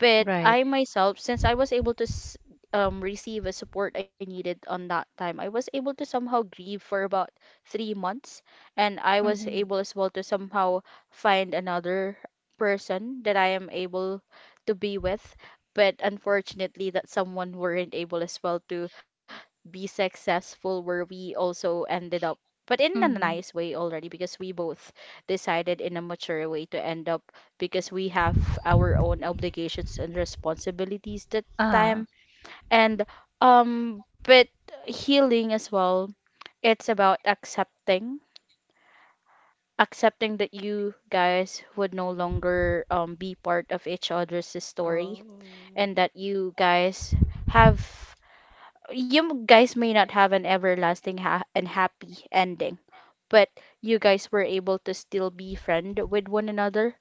C: But
A: Right.
C: I myself, since I was able to receive a support I needed on that time, I was able to somehow grieve for about 3 months. And I was
A: Mm-hmm.
C: able as well to somehow find another person that I am able to be with. But unfortunately, that someone weren't able as well to be successful, where we also ended up, but in a
A: Mm-hmm.
C: nice way already, because we both decided in a mature way to end up, because we have our own obligations and responsibilities that
A: Ah.
C: time. And but healing as well, it's about accepting, accepting that you guys would no longer be part of each other's story,
B: Oh,
C: and that you guys have, you guys may not have an everlasting and happy ending, but you guys were able to still be friend with one another.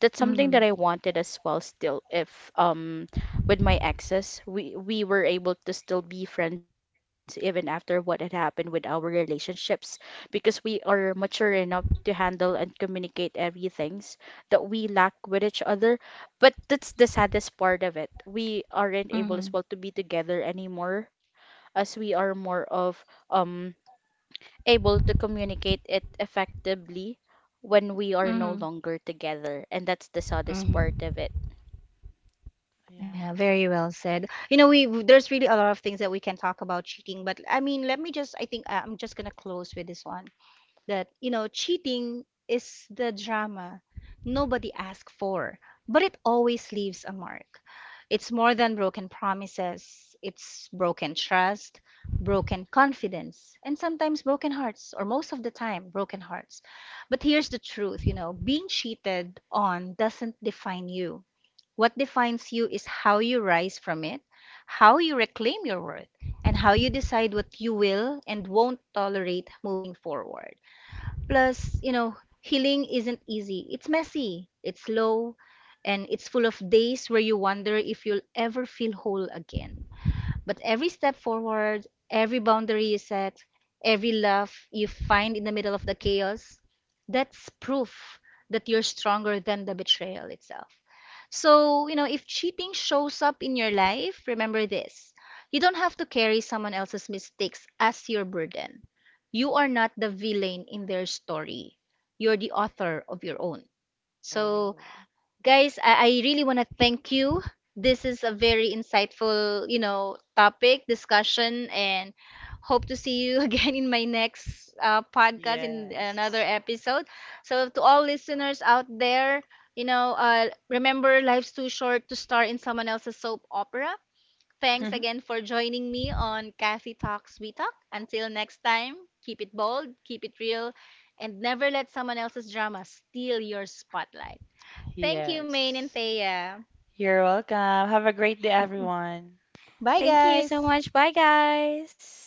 C: That's something that
A: Mm-hmm.
C: I wanted as well still if um with my exes, we were able to still be friends even after what had happened with our relationships, because we are mature enough to handle and communicate everything that we lack with each other. But that's the saddest part of it, we aren't able
A: Mm-hmm.
C: as well to be together anymore, as we are more of um able to communicate it effectively when we are no
A: Mm-hmm.
C: longer together, and that's the saddest
A: Mm-hmm.
C: part of it.
A: Yeah,
B: yeah.
A: very well said.
B: I-
A: You know, there's really a lot of things that we can talk about cheating, but I mean, let me just, I think, I'm just gonna close with this one. That you know, cheating is the drama nobody asked for, but it always leaves a mark. It's more than broken promises, it's broken trust, broken confidence, and sometimes broken hearts, or most of the time broken hearts. But here's the truth, you know, being cheated on doesn't define you. What defines you is how you rise from it, how you reclaim your worth, and how you decide what you will and won't tolerate moving forward. Plus, you know, healing isn't easy. It's messy, it's slow, and it's full of days where you wonder if you'll ever feel whole again. But every step forward, every boundary you set, every love you find in the middle of the chaos, that's proof that you're stronger than the betrayal itself. So, you know, if cheating shows up in your life, remember this: you don't have to carry someone else's mistakes as your burden. You are not the villain in their story, you're the author of your own. So,
B: Oh,
A: guys, I really want to thank you. This is a very insightful, you know, topic discussion, and hope to see you again in my next podcast, in
B: yes.
A: another episode. So, to all listeners out there, you know, remember, life's too short to star in someone else's soap opera. Thanks again for joining me on Kathy Talks We Talk. Until next time, keep it bold, keep it real, and never let someone else's drama steal your spotlight. Thank you, Main and
B: Yes.
A: Thea.
B: You're welcome. Have a great day, everyone.
A: Bye,
C: Thank you so
A: guys.
C: much. Bye, guys.